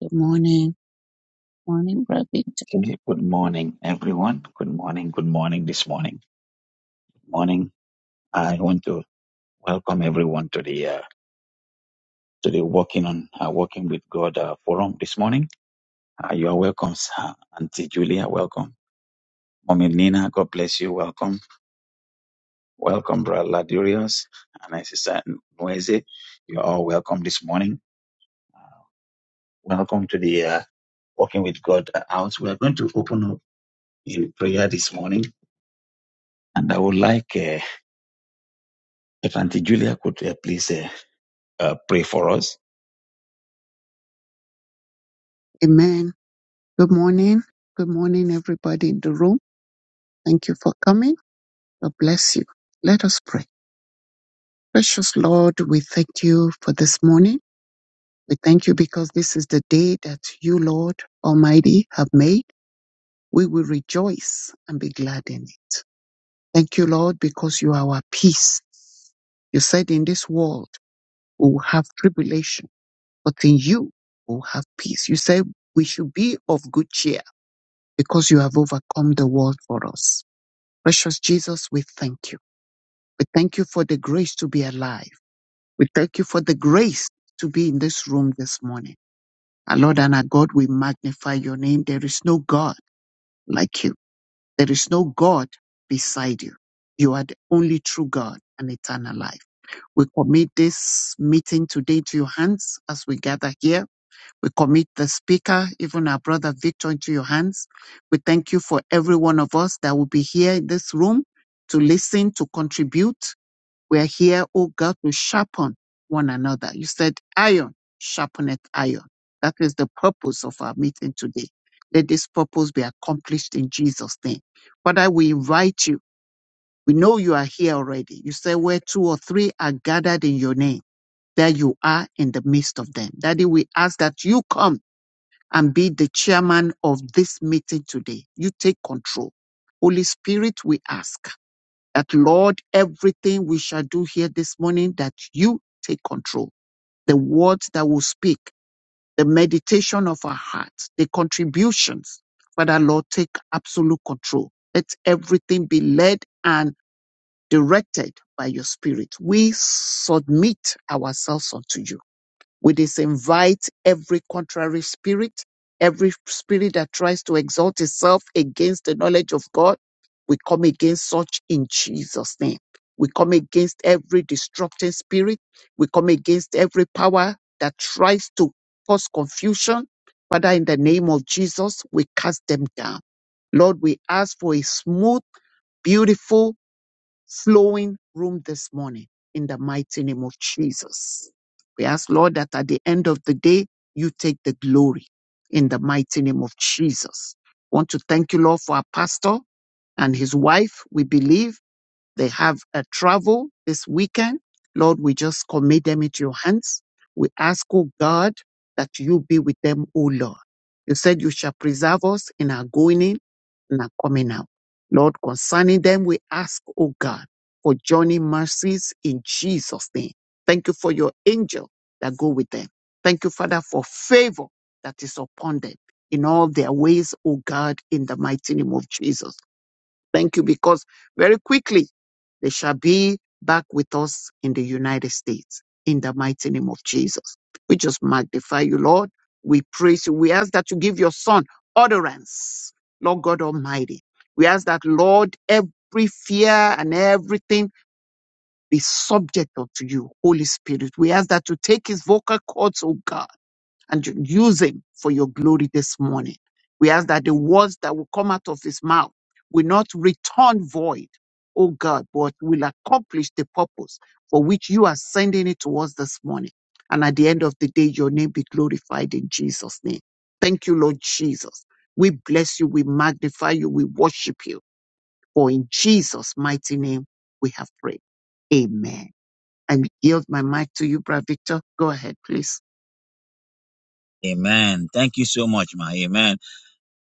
Good morning. Morning, Brother Victor. Okay, Good morning, everyone. Good morning. Good morning. This morning, good morning. I want to welcome everyone to the uh, to the working on uh, working with God uh, forum this morning. Uh, you are welcome, sir. Auntie Julia. Welcome, Mommy Nina. God bless you. Welcome, welcome, Brother Ladurius and my Sister Nweze. You are all welcome this morning. Uh, welcome to the uh, working with God uh, house. We are going to open up in prayer this morning, and I would like uh, if Auntie Julia could uh, please. Uh, uh, pray for us. Amen. Good morning. Good morning, everybody in the room. Thank you for coming. God bless you. Let us pray. Precious Lord, we thank you for this morning. We thank you because this is the day that you, Lord Almighty, have made. We will rejoice and be glad in it. Thank you, Lord, because you are our peace. You said in this world we will have tribulation, but in you we will have peace. You said we should be of good cheer because you have overcome the world for us. Precious Jesus, we thank you. We thank you for the grace to be alive. We thank you for the grace to be in this room this morning. Our Lord and our God, we magnify your name. There is no God like you. There is no God beside you. You are the only true God and eternal life. We commit this meeting today to your hands as we gather here We commit the speaker, even our brother Victor, into your hands. We thank you for every one of us that will be here in this room to listen, to contribute. We are here, oh God, to sharpen one another. You said iron, sharpeneth iron. That is the purpose of our meeting today. Let this purpose be accomplished in Jesus' name. Father, we invite you. We know you are here already. You say, where two or three are gathered in your name, there you are in the midst of them. Daddy, we ask that you come and be the chairman of this meeting today. You take control. Holy Spirit, we ask that, Lord, everything we shall do here this morning, that you take control. The words that we speak, the meditation of our hearts, the contributions. Father, Lord, take absolute control. Let everything be led and directed by your Spirit. We submit ourselves unto you. We disinvite every contrary spirit, every spirit that tries to exalt itself against the knowledge of God. We come against such in Jesus' name. We come against every destructive spirit. We come against every power that tries to cause confusion. Father, in the name of Jesus, we cast them down. Lord, we ask for a smooth, beautiful flowing room this morning in the mighty name of Jesus. We ask, Lord, that at the end of the day, you take the glory in the mighty name of Jesus. Want to thank you, Lord, for our pastor and his wife. We believe. They have a travel this weekend. Lord, we just commit them into your hands. We ask, oh God, that you be with them, oh Lord. You said you shall preserve us in our going in and our coming out. Lord, concerning them, we ask, oh God, for journey mercies in Jesus' name. Thank you for your angel that go with them. Thank you, Father, for favor that is upon them in all their ways, oh God, in the mighty name of Jesus. Thank you because very quickly they shall be back with us in the United States in the mighty name of Jesus. We just magnify you, Lord. We praise you. We ask that you give your son utterance, Lord God Almighty. We ask that, Lord, every fear and everything be subject unto you, Holy Spirit. We ask that you take his vocal cords, oh God and you use him for your glory this morning. We ask that the words that will come out of his mouth will not return void, oh God, but will accomplish the purpose for which you are sending it to us this morning. And at the end of the day, your name be glorified in Jesus' name. Thank you, Lord Jesus. We bless you, we magnify you, we worship you. For in Jesus' mighty name, we have prayed. Amen. I yield my mic to you, Brother Victor. Go ahead, please. Amen. Thank you so much, Ma. Amen.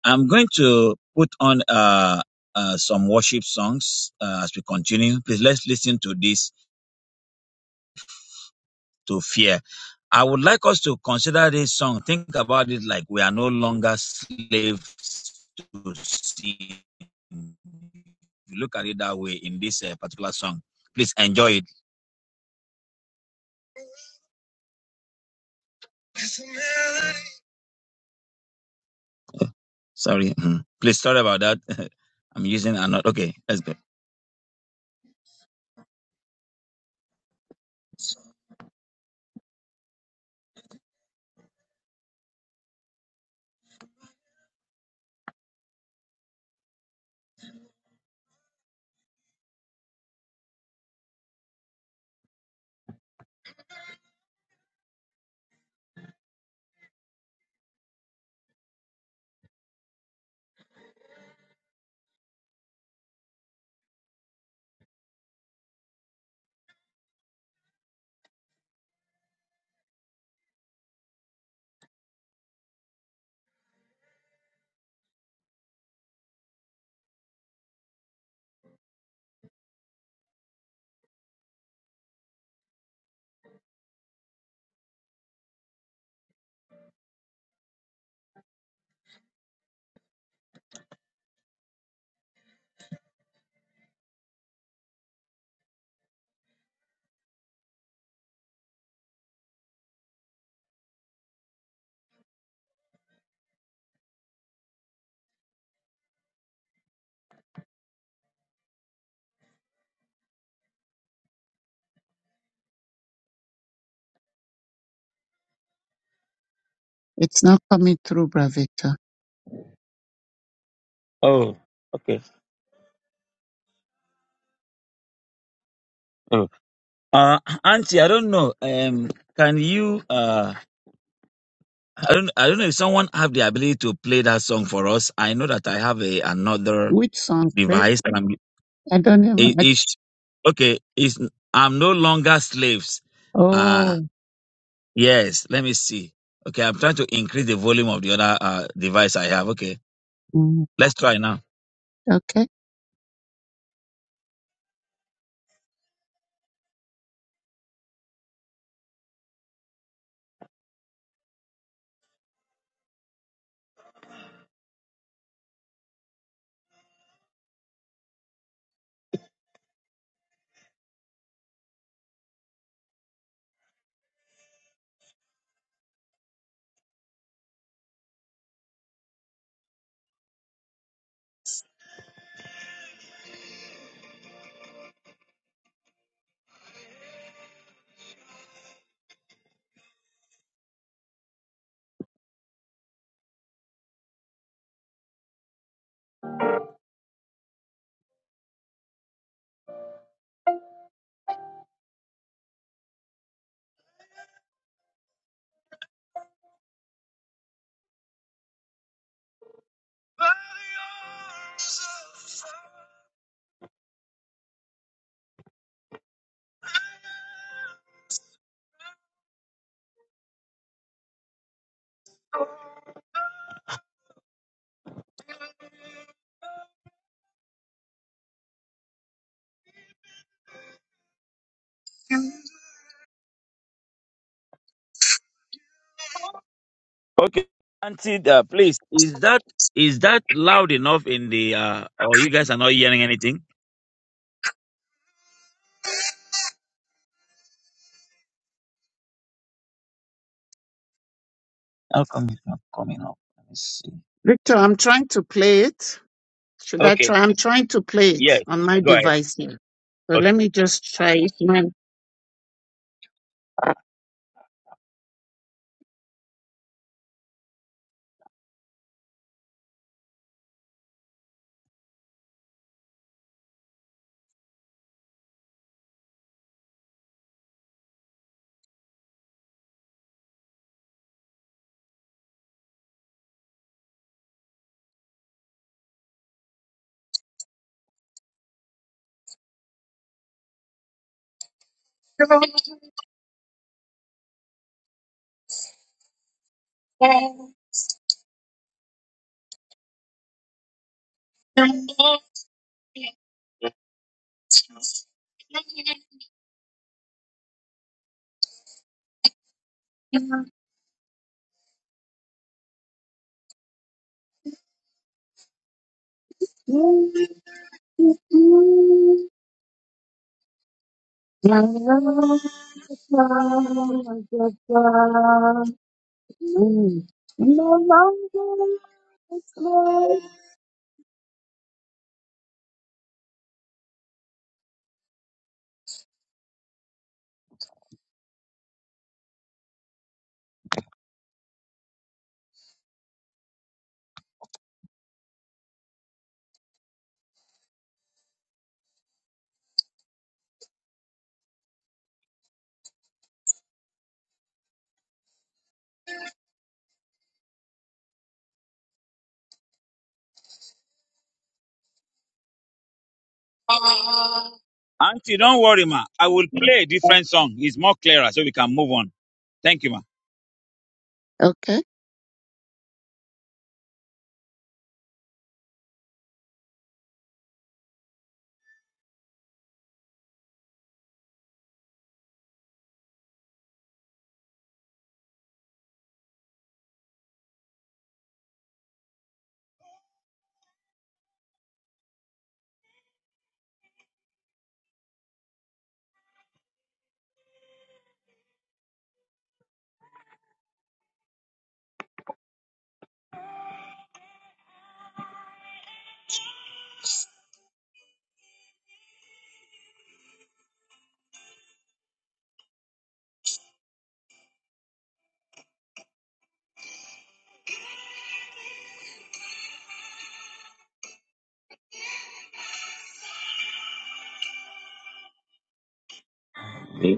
I'm going to put on uh, uh, some worship songs uh, as we continue. Please let's listen to this to fear. I would like us to consider this song. Think about it like we are no longer slaves to sin. Look at it that way in this uh, particular song. Please enjoy it. Oh, Sorry. Mhm. Please, sorry about that. I'm using another. Okay, let's go. It's not coming through, Bravita. Oh, okay. Oh. Uh, Auntie, I don't know. Um, can you? Uh, I don't. I don't know if someone have the ability to play that song for us. I know that I have a another Which song, babe? device. I don't even. It, I, it's okay. It's I'm no longer slaves. Uh oh, yes. Let me see. Okay, I'm trying to increase the volume of the other uh, device I have. Okay, mm, let's try now. okay. Okay, Auntie, uh, please, is that is that loud enough in the? uh Or you guys are not hearing anything? How come it's not coming up? Let me see. Victor, I'm trying to play it. Should I Okay, try? I'm trying to play it yes, on my go ahead. device here. So let Okay, me just try it. Man. Okay. Auntie, don't worry, ma. I will play a different song. It's more clearer, so we can move on. Thank you, ma.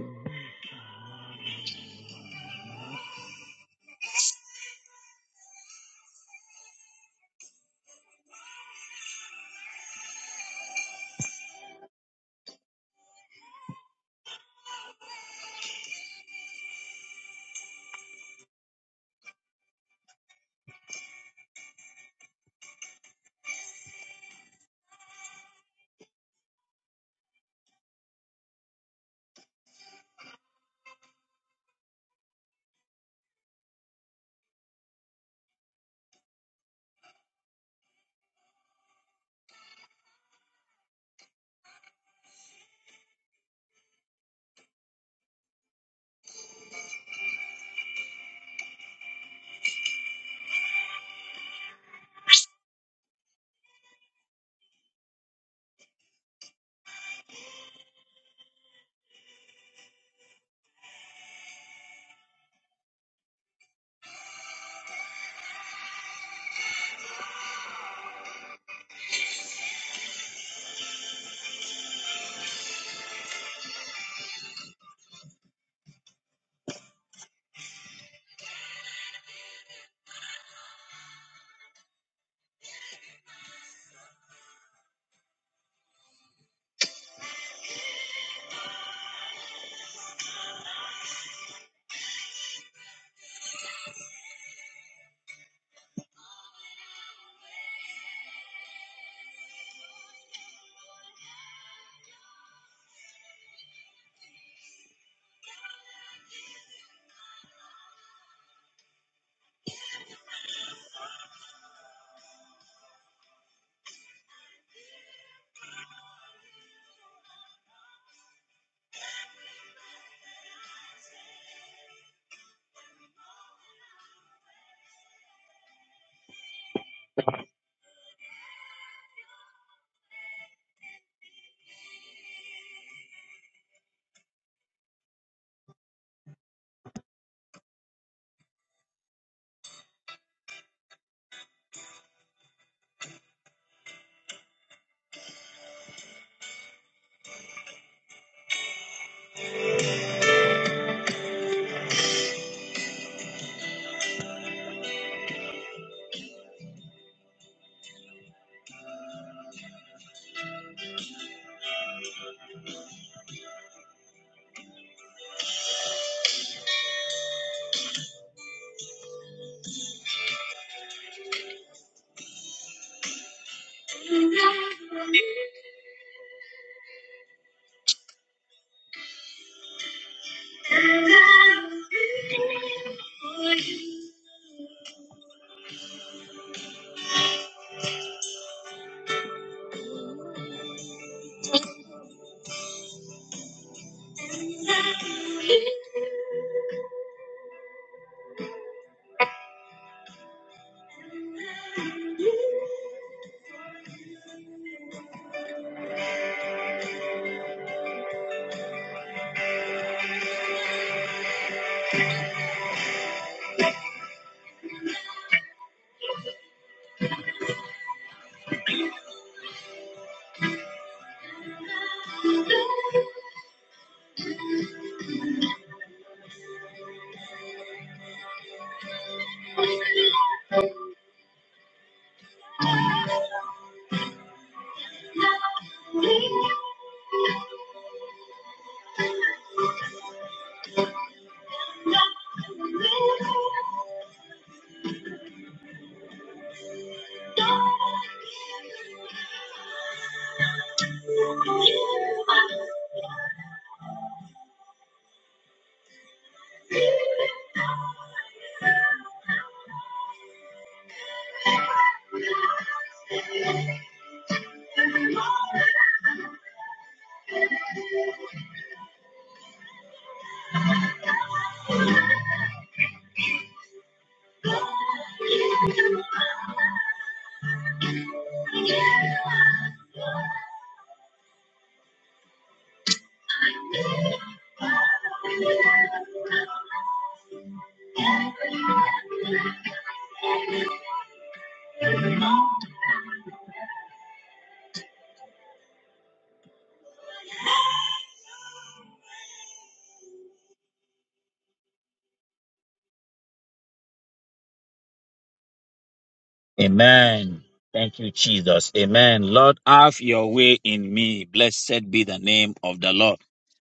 Amen. Thank you, Jesus. Amen. Lord, have your way in me. Blessed be the name of the Lord.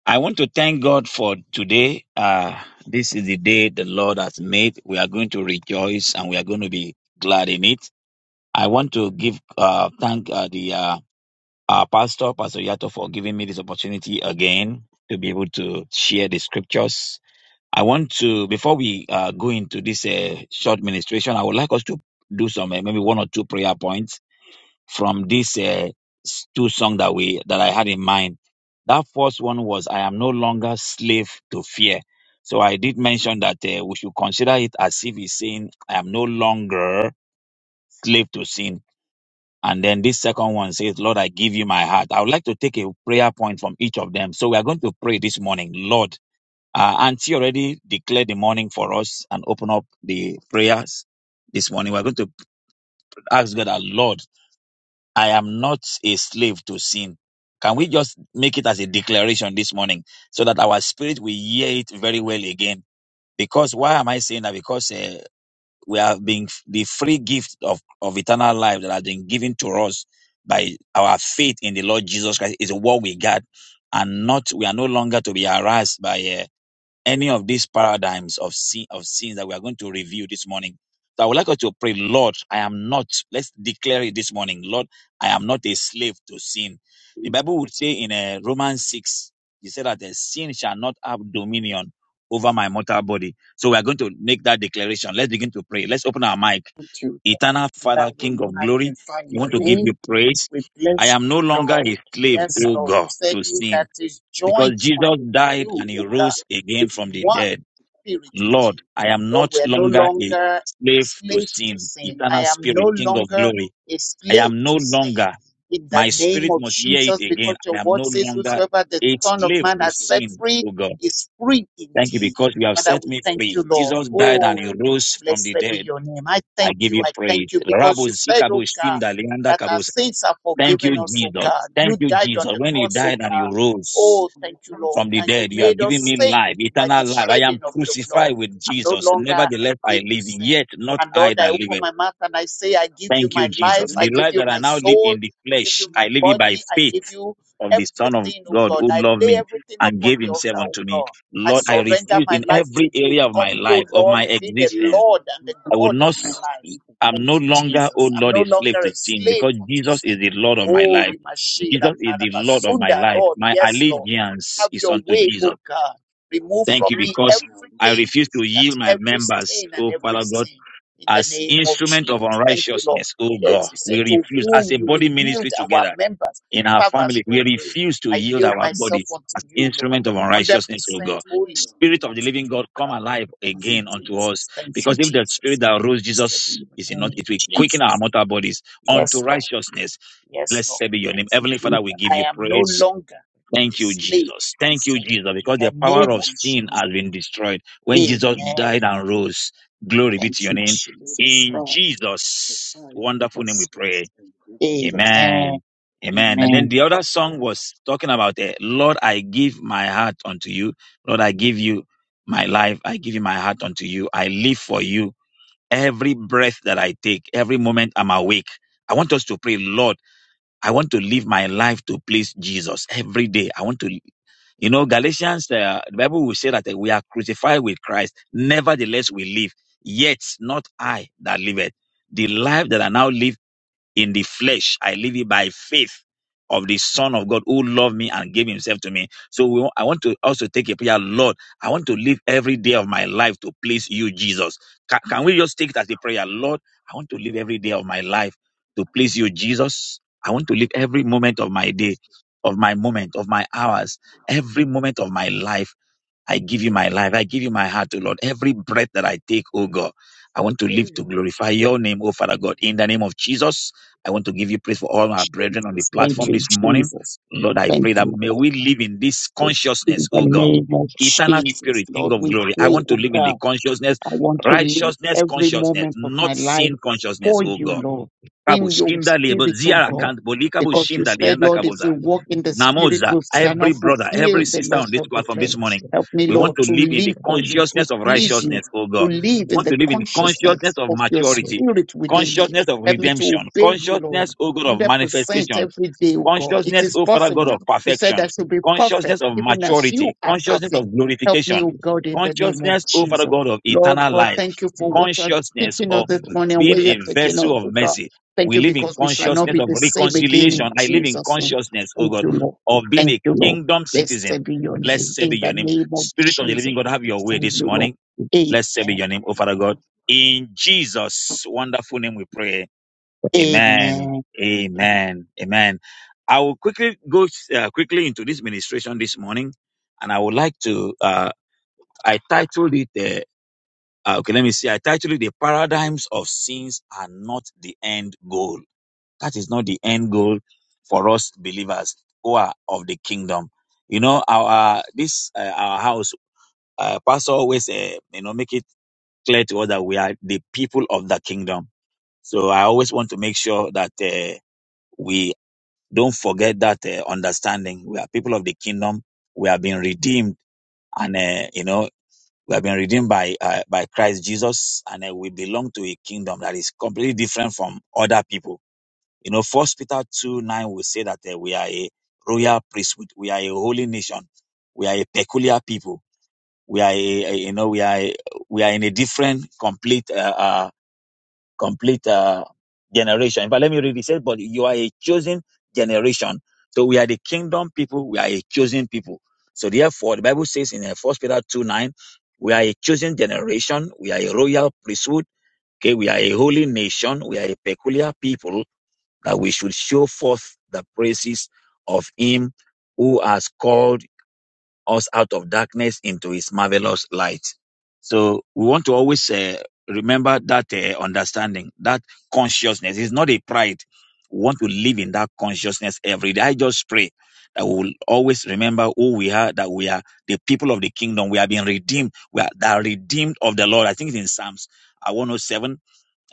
I want to thank God for today. Uh, this is the day the Lord has made. We are going to rejoice and we are going to be glad in it. I want to give uh, thank uh, the uh, uh, pastor, Pastor Yato, for giving me this opportunity again to be able to share the scriptures. I want to, before we uh, go into this uh, short ministration, I would like us to do some uh, maybe one or two prayer points from this uh, s- two songs that we that I had in mind that first one was, I am no longer slave to fear. So I did mention that uh, we should consider it as if he's saying, I am no longer slave to sin. And then this second one says, Lord, I give you my heart. I would like to take a prayer point from each of them. So we are going to pray this morning, Lord. Uh, Auntie already declared the morning for us and open up the prayers this morning. We're going to ask God, our Lord. I am not a slave to sin. Can we just make it as a declaration this morning so that our spirit will hear it very well again? Because why am I saying that? Because uh, we have been the free gift of, of eternal life that has been given to us by our faith in the Lord Jesus Christ is what we got, and not we are no longer to be harassed by. uh, any of these paradigms of sin of sins that we are going to review this morning. So I would like us to pray, Lord, I am not, let's declare it this morning, Lord, I am not a slave to sin. The Bible would say in uh, Romans 6, he said that the sin shall not have dominion over my mortal body. So we are going to make that declaration. Let's begin to pray. Let's open our mic. Thank you. Eternal Father, That we King of glory, magnify we your want to give name. you praise. We I bless am no you, longer a Lord. slave, Yes, oh Lord. You God, said to he sin. that is Because joined unto Jesus died and you, he O God, rose again is from the one dead. spirit with Lord, you. I am Lord, not we are no longer a longer slave to slaves to sin, sin. Yes, I eternal am no spirit, King of longer glory. a I slave am no to sin. longer, In the my yes, name spirit of must hear it Jesus, again. because your I am no word says, longer Whosoever the a Son Lord, of slave I Man to has set sin, free O God. is free Thank you indeed. because you have Father, set we me thank you, free. Lord. Jesus died and he Oh, rose from the blessed be dead. your name. I I thank give you you. I praise. thank you because Rabo you said, zikabo Oh God shinda leanda that our kabos. sins are Thank you, forgiven us, oh Jesus. God. Thank You you, died on Jesus. the When he cross, oh died and he God. rose, Oh, thank want you, Lord. from the And you dead. You are made giving us me saints life, by the eternal life. I am shedding of your blood. crucified with I'm no Jesus. longer a Nevertheless, I slave to live, sin. yet not And I Lord, I that open live. my mouth and I say, I to give you Thank you, my bury the life, Jesus. I The billion. give life you that I my now live soul, in the I give flesh, you I my Yes, live yes, it by body, I faith give Lord, I you of the Son of everything, oh forgive God God. who this I and loved lay me bury everything the and upon gave the altar, himself billions. oh unto me. God. I Lord, Now, I I'm surrender refuse my in grateful life to every you. area for of the my Come, name O that life, I of Lord, my be the existence. Lord have and the given I to will God you. of are not my My i life. strength I'm Thank no you, longer, oh Jesus. I'm Lord, no a slave longer to a sin slave because unto Jesus is sin. the Lord of my and my Oh, life. Rimashira Jesus is absolute the sacrifice. Lord of my Karabasunda, life. Lord. My Yes, Lord. allegiance Have is your unto way, Jesus. oh God. Remove Thank from you I me don't know because what I everything, else refuse to is to that yield my do. every members, stain and oh And every Father that's God, sin in the as name of instrument of Jesus. Thank you, Lord. unrighteousness, oh Yes, God. you We said to why refuse as whom a you will body yield ministry our together members, in our fathers family. to We obey. refuse to I yield yield our myself bodies as unto you, Lord. instrument of 100% unrighteousness, oh I'm God. healed holy unto Spirit of you. the unto living God, you, come God. alive Thank I'm you, again unto healed us. Jesus. unto you. Thank you, Because if the Jesus. spirit that rose Blessed be Jesus is your in us, name in it will quicken our Jesus' name. mortal bodies unto Yes, Lord. righteousness. Yes, Blessed Lord. be your Thank name. you, Heavenly Father, Jesus. we give I you am no praise. longer a Thank you, slave Jesus. to Thank you, sin. Jesus, In because the the power name of of Thank you, sin has Jesus. Lord, been destroyed when Jesus died Amen. and rose. Glory be Thank to your you, name. for the Jesus. In cross, the Jesus' price of wonderful our name we pray. sins, and give us Amen. justice. Amen. Amen. And then Amen. the other song was talking about, uh, Lord, I give my heart unto you. Lord, I give you my life. I give you my heart unto you. I live for you. Every breath that I take, every moment I'm awake. I want us to pray, Lord, I want to live my life to please Jesus every day. I want to you know, Galatians, uh, the Bible will say that uh, we are crucified with Christ. Nevertheless, we live. Yet not I that liveth. The life that I now live in the flesh. I live it by faith of the Son of God who loved me and gave himself to me. So we, I want to also take a prayer, Lord, I want to live every day of my life to please you, Jesus. Can, can we just take it as a prayer? Lord, I want to live every day of my life to please you, Jesus. I want to live every moment of my day, of my moment, of my hours, Amen. every moment of my life I give you my life. I give you my heart, O Lord. Every breath that I take, O God, I want to live to glorify your name, O Father God. In the name of Jesus, I want to give you praise for all our brethren on the Thank platform you, this morning. Jesus. Lord, I Thank pray that you, may Lord. we live in this So, in consciousness, the O God. name of Eternal Jesus, Spirit, King Lord, of we Glory. I pray, want to O live in the God. consciousness, I want to live righteousness every consciousness, moment of not my life sin consciousness, for O you, God. Lord, Kabo in your shinda lebo spirit, oh ziara God. kant bolika bo Because you shinda said, lianda Lord, if kaboza. we walk in the spirit, Namoza, we shall every not brother, every fulfill the sister on lust this of the platform flesh. this morning, Help me, we want Lord, to to live in the live for you, to consciousness of please you, righteousness, oh to God. live We in want the to live in the consciousness consciousness of of your maturity, spirit within me. consciousness of Help me to redemption, obey you, Lord. consciousness, oh God, of 100% manifestation, every day, oh God. It Consciousness, is O Father God, possible. of You said I perfection. should be perfect, Consciousness of even as maturity. you are Consciousness perfect. of Help me, glorification. oh God, in the name of Consciousness, O Jesus. Father God, of Lord eternal God, life. thank you for what you are Consciousness teaching us of this morning and being where you are a taking us, vessel of oh God. mercy. Thank We you live in because we shall not consciousness be of the same again in reconciliation. I live in Jesus' name. consciousness, O Thank God, you, Lord. of being Thank a you, Lord. kingdom citizen. Blessed be your name Blessed be in your the name. name of Spirit of the living Jesus. God, have your way Thank this you, Lord. morning. Blessed be Amen. your name, O Father God. In Jesus' wonderful name we pray. Amen. Amen. Amen. Amen. I will quickly go uh, quickly into this ministration this morning, and I would like to. Uh, I titled it. Uh, uh, okay, let me see. I titled it "The Paradigms of Sins Are Not the End Goal." That is not the end goal for us believers who are of the kingdom. You know, our uh, this uh, our house uh, pastor always uh, you know make it clear to us that we are the people of the kingdom. So I always want to make sure that. Uh, we Don't forget that uh, understanding. We are people of the kingdom. We have been redeemed, and uh, you know we have been redeemed by uh, by Christ Jesus, and uh, we belong to a kingdom that is completely different from other people. You know, First Peter two nine will say that uh, we are a royal priesthood. We are a holy nation. We are a peculiar people. We are a, a- you know we are a, we are in a different complete. uh, uh, complete uh, generation. But let me read this. But you are a chosen generation. So we are the kingdom people. We are a chosen people. So therefore, the Bible says in uh, First Peter two nine, we are a chosen generation. We are a royal priesthood. Okay, we are a holy nation. We are a peculiar people that we should show forth the praises of Him who has called us out of darkness into his marvelous light. So we want to always uh, remember that uh, understanding, that consciousness is not a pride. We want to live in that consciousness every day. I just pray that we will always remember who we are, that we are the people of the kingdom. We are being redeemed. We are the redeemed of the Lord. I think it's in Psalms 107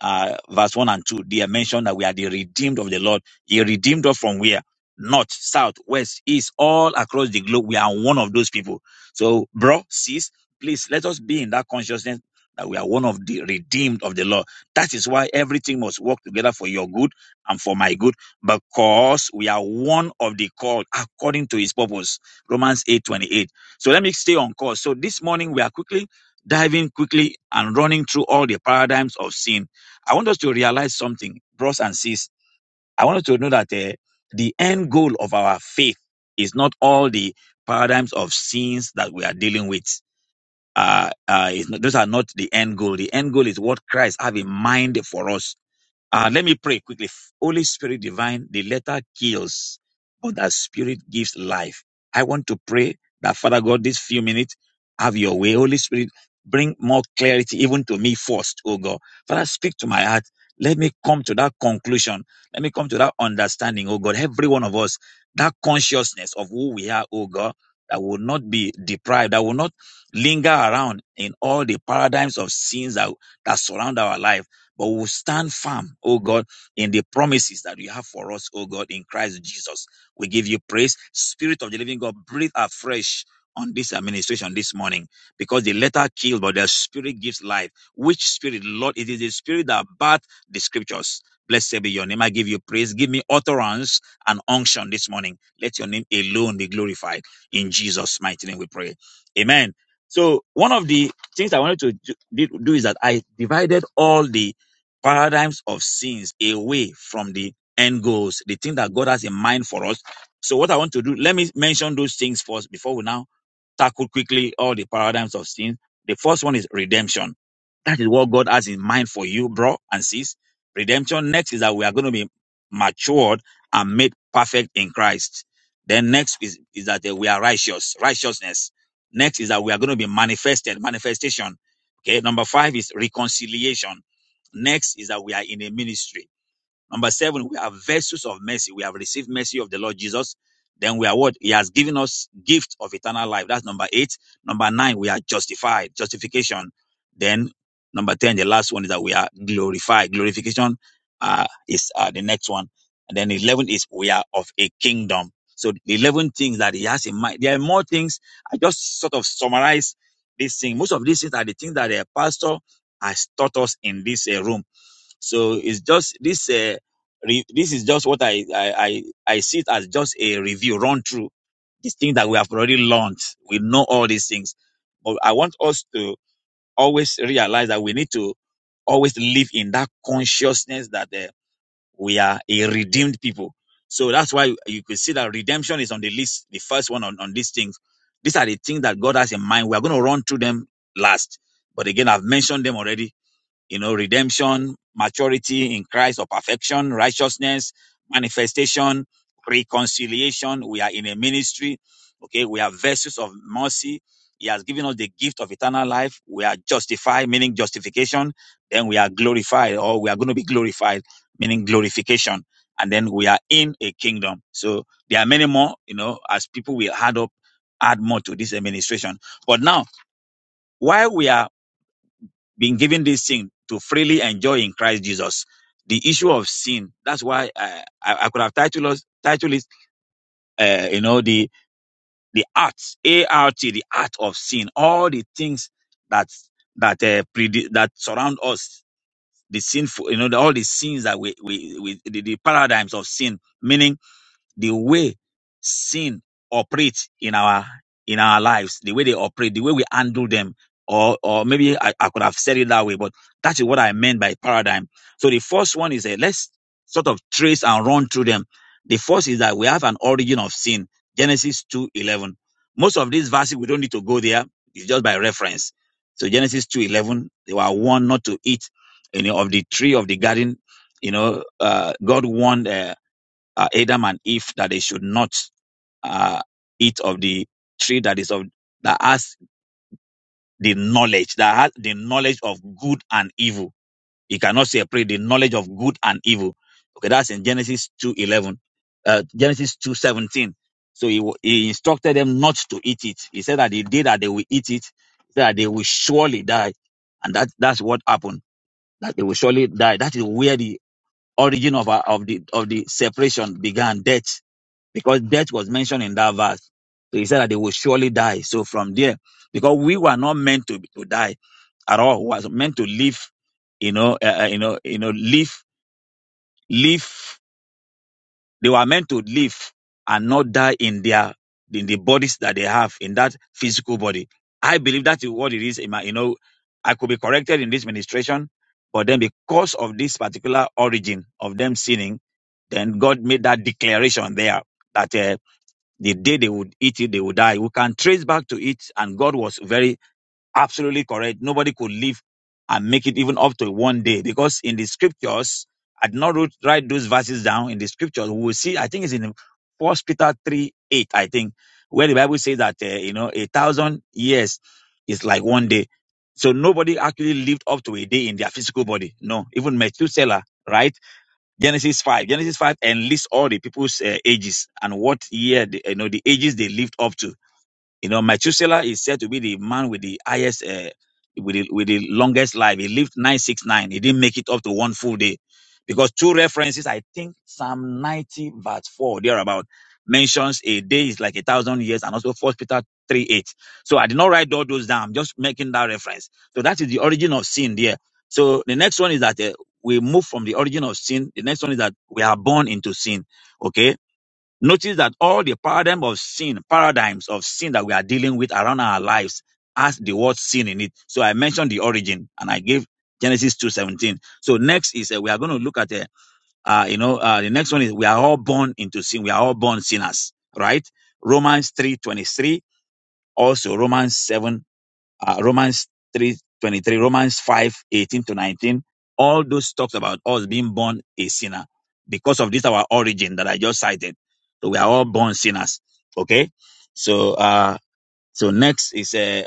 uh, verse 1 and 2, they are mentioned that we are the redeemed of the Lord. He redeemed us from where? North, south, west, east, all across the globe. We are one of those people. So, bro, sis, please let us be in that consciousness that we are one of the redeemed of the Lord. That is why everything must work together for your good and for my good, because we are one of the called according to his purpose. Romans 8 28. So let me stay on course. So this morning we are quickly diving quickly and running through all the paradigms of sin I want us to realize something, bros and sis. I want us to know that uh, the end goal of our faith is not all the paradigms of sins that we are dealing with. Uh, uh, it's not, those are not the end goal. The end goal is what Christ have in mind for us uh, let me pray quickly. Holy Spirit divine, the letter kills, but the spirit gives life. I want to pray that Father God, these few minutes, have your way. Holy Spirit, bring more clarity even to me first, oh God. Father, speak to my heart. Let me come to that conclusion. Let me come to that understanding, oh God. Every one of us, that consciousness of who we are, oh God, that will not be deprived, that will not linger around in all the paradigms of sins that, that surround our life but we'll stand firm, oh God, in the promises that you have for us, oh God, in Christ Jesus. We give you praise. Spirit of the living God, breathe afresh on this administration this morning because the letter killed, but the spirit gives life. Which spirit, Lord? It is the spirit that birthed the scriptures. Blessed be your name. I give you praise. Give me utterance and unction this morning. Let your name alone be glorified. In Jesus' mighty name we pray. Amen. So one of the things I wanted to do, do is that I divided all the paradigms of sins away from the end goals, the thing that God has in mind for us. So, what I want to do, let me mention those things first before we now tackle quickly all the paradigms of sin. The first one is redemption. That is what God has in mind for you, bro and sis. Redemption. Next is that we are going to be matured and made perfect in Christ. Then next is, is that eh, we are righteous, righteousness. Next is that we are going to be manifested, manifestation. Okay. Number five is reconciliation Next is that we are in a ministry. Number seven, we are vessels of mercy. We have received mercy of the Lord Jesus. Then we are what? He has given us gift of eternal life. That's number eight. Number nine, we are justified. Justification. Then number 10, the last one is that we are glorified. Glorification uh, is uh, the next one. And then 11 is we are of a kingdom. So the 11 things that he has in mind. There are more things. I just sort of summarize this thing. Most of these things are the things that the pastor has taught us in this uh, room. So it's just this. Uh, Re- this is just what I, I, I, I see it as just a review, run through these things that we have already learned. We know all these things. But I want us to always realize that we need to always live in that consciousness that uh, we are a redeemed people. So that's why you could see that redemption is on the list, the first one on, on these things. These are the things that God has in mind. We are going to run through them last. But again, I've mentioned them already you know, redemption, maturity in Christ or perfection, righteousness, manifestation, reconciliation. We are in a ministry. Okay. We are vessels of mercy. He has given us the gift of eternal life. We are justified, meaning justification. Then we are glorified or we are going to be glorified, meaning glorification. And then we are in a kingdom. So there are many more, you know, as people will add up, add more to this administration. But now, while we are been given this thing to freely enjoy in Christ Jesus. The issue of sin. That's why uh, I, I could have titled us, titled it, uh, you know, the the art, A R T, the art of sin. All the things that that uh, predi- that surround us, the sinful, you know, the, all the sins that we we, we the, the paradigms of sin. Meaning the way sin operates in our in our lives, the way they operate, the way we handle them, or or maybe I, I could have said it that way, but that is what I meant by paradigm. So the first one is a let's sort of trace and run through them. The first is that we have an origin of sin, Genesis two eleven. Most of these verses we don't need to go there; it's just by reference. So Genesis two eleven, they were warned not to eat any of the tree of the garden. You know, uh, God warned. uh, uh, Adam and Eve that they should not uh, eat of the tree that is of that has the knowledge that has the knowledge of good and evil. You cannot separate the knowledge of good and evil. Okay, that's in Genesis two eleven, uh, Genesis two seventeen. So he, wa- he instructed them not to eat it. He said that the day that they will eat it, that they will surely die, and that that's what happened. That they will surely die. That is where the origin of our, of the of the separation began. Death because death was mentioned in that verse. So he said that they will surely die. So from there, because we were not meant to, to die at all, we was meant to live, you know, uh, uh, you know, you know, live, live. They were meant to live and not die in their in the bodies that they have in that physical body. I believe that is what it is. in my- You know, I could be corrected in this ministration, but then because of this particular origin of them sinning, then God made that declaration there that. uh, the day they would eat it, they would die. We can trace back to it, and God was very absolutely correct. Nobody could live and make it even up to one day because in the scriptures, I did not wrote, write those verses down. In the scriptures, we will see. I think it's in First Peter three eight. I think where the Bible says that uh, you know a thousand years is like one day. So nobody actually lived up to a day in their physical body. No, even Methuselah, right? Genesis 5. Genesis 5 and lists all the people's uh, ages and what year, they, you know, the ages they lived up to you know, Methuselah is said to be the man with the highest, uh, with, the, with the longest life. He lived 969. He didn't make it up to one full day because two references, I think Psalm 90, verse 4, thereabout, mentions a day is like a thousand years and also First Peter 3 8. So I did not write all those down, I'm just making that reference. So that is the origin of sin there. So the next one is that uh, we move from the origin of sin. The next one is that we are born into sin. Okay Notice that all the paradigm of sin, paradigms of sin that we are dealing with around our lives has the word sin in it. So I mentioned the origin and I gave Genesis 2.17. So next is uh, we are going to look at, uh, uh, you know, uh, the next one is we are all born into sin. We are all born sinners, right? Romans 3.23, also Romans 7 uh, Romans 3 23 Romans 5 18 to 19. All those talks about us being born a sinner because of this, our origin that I just cited. So we are all born sinners. Okay. So, uh, so next is uh,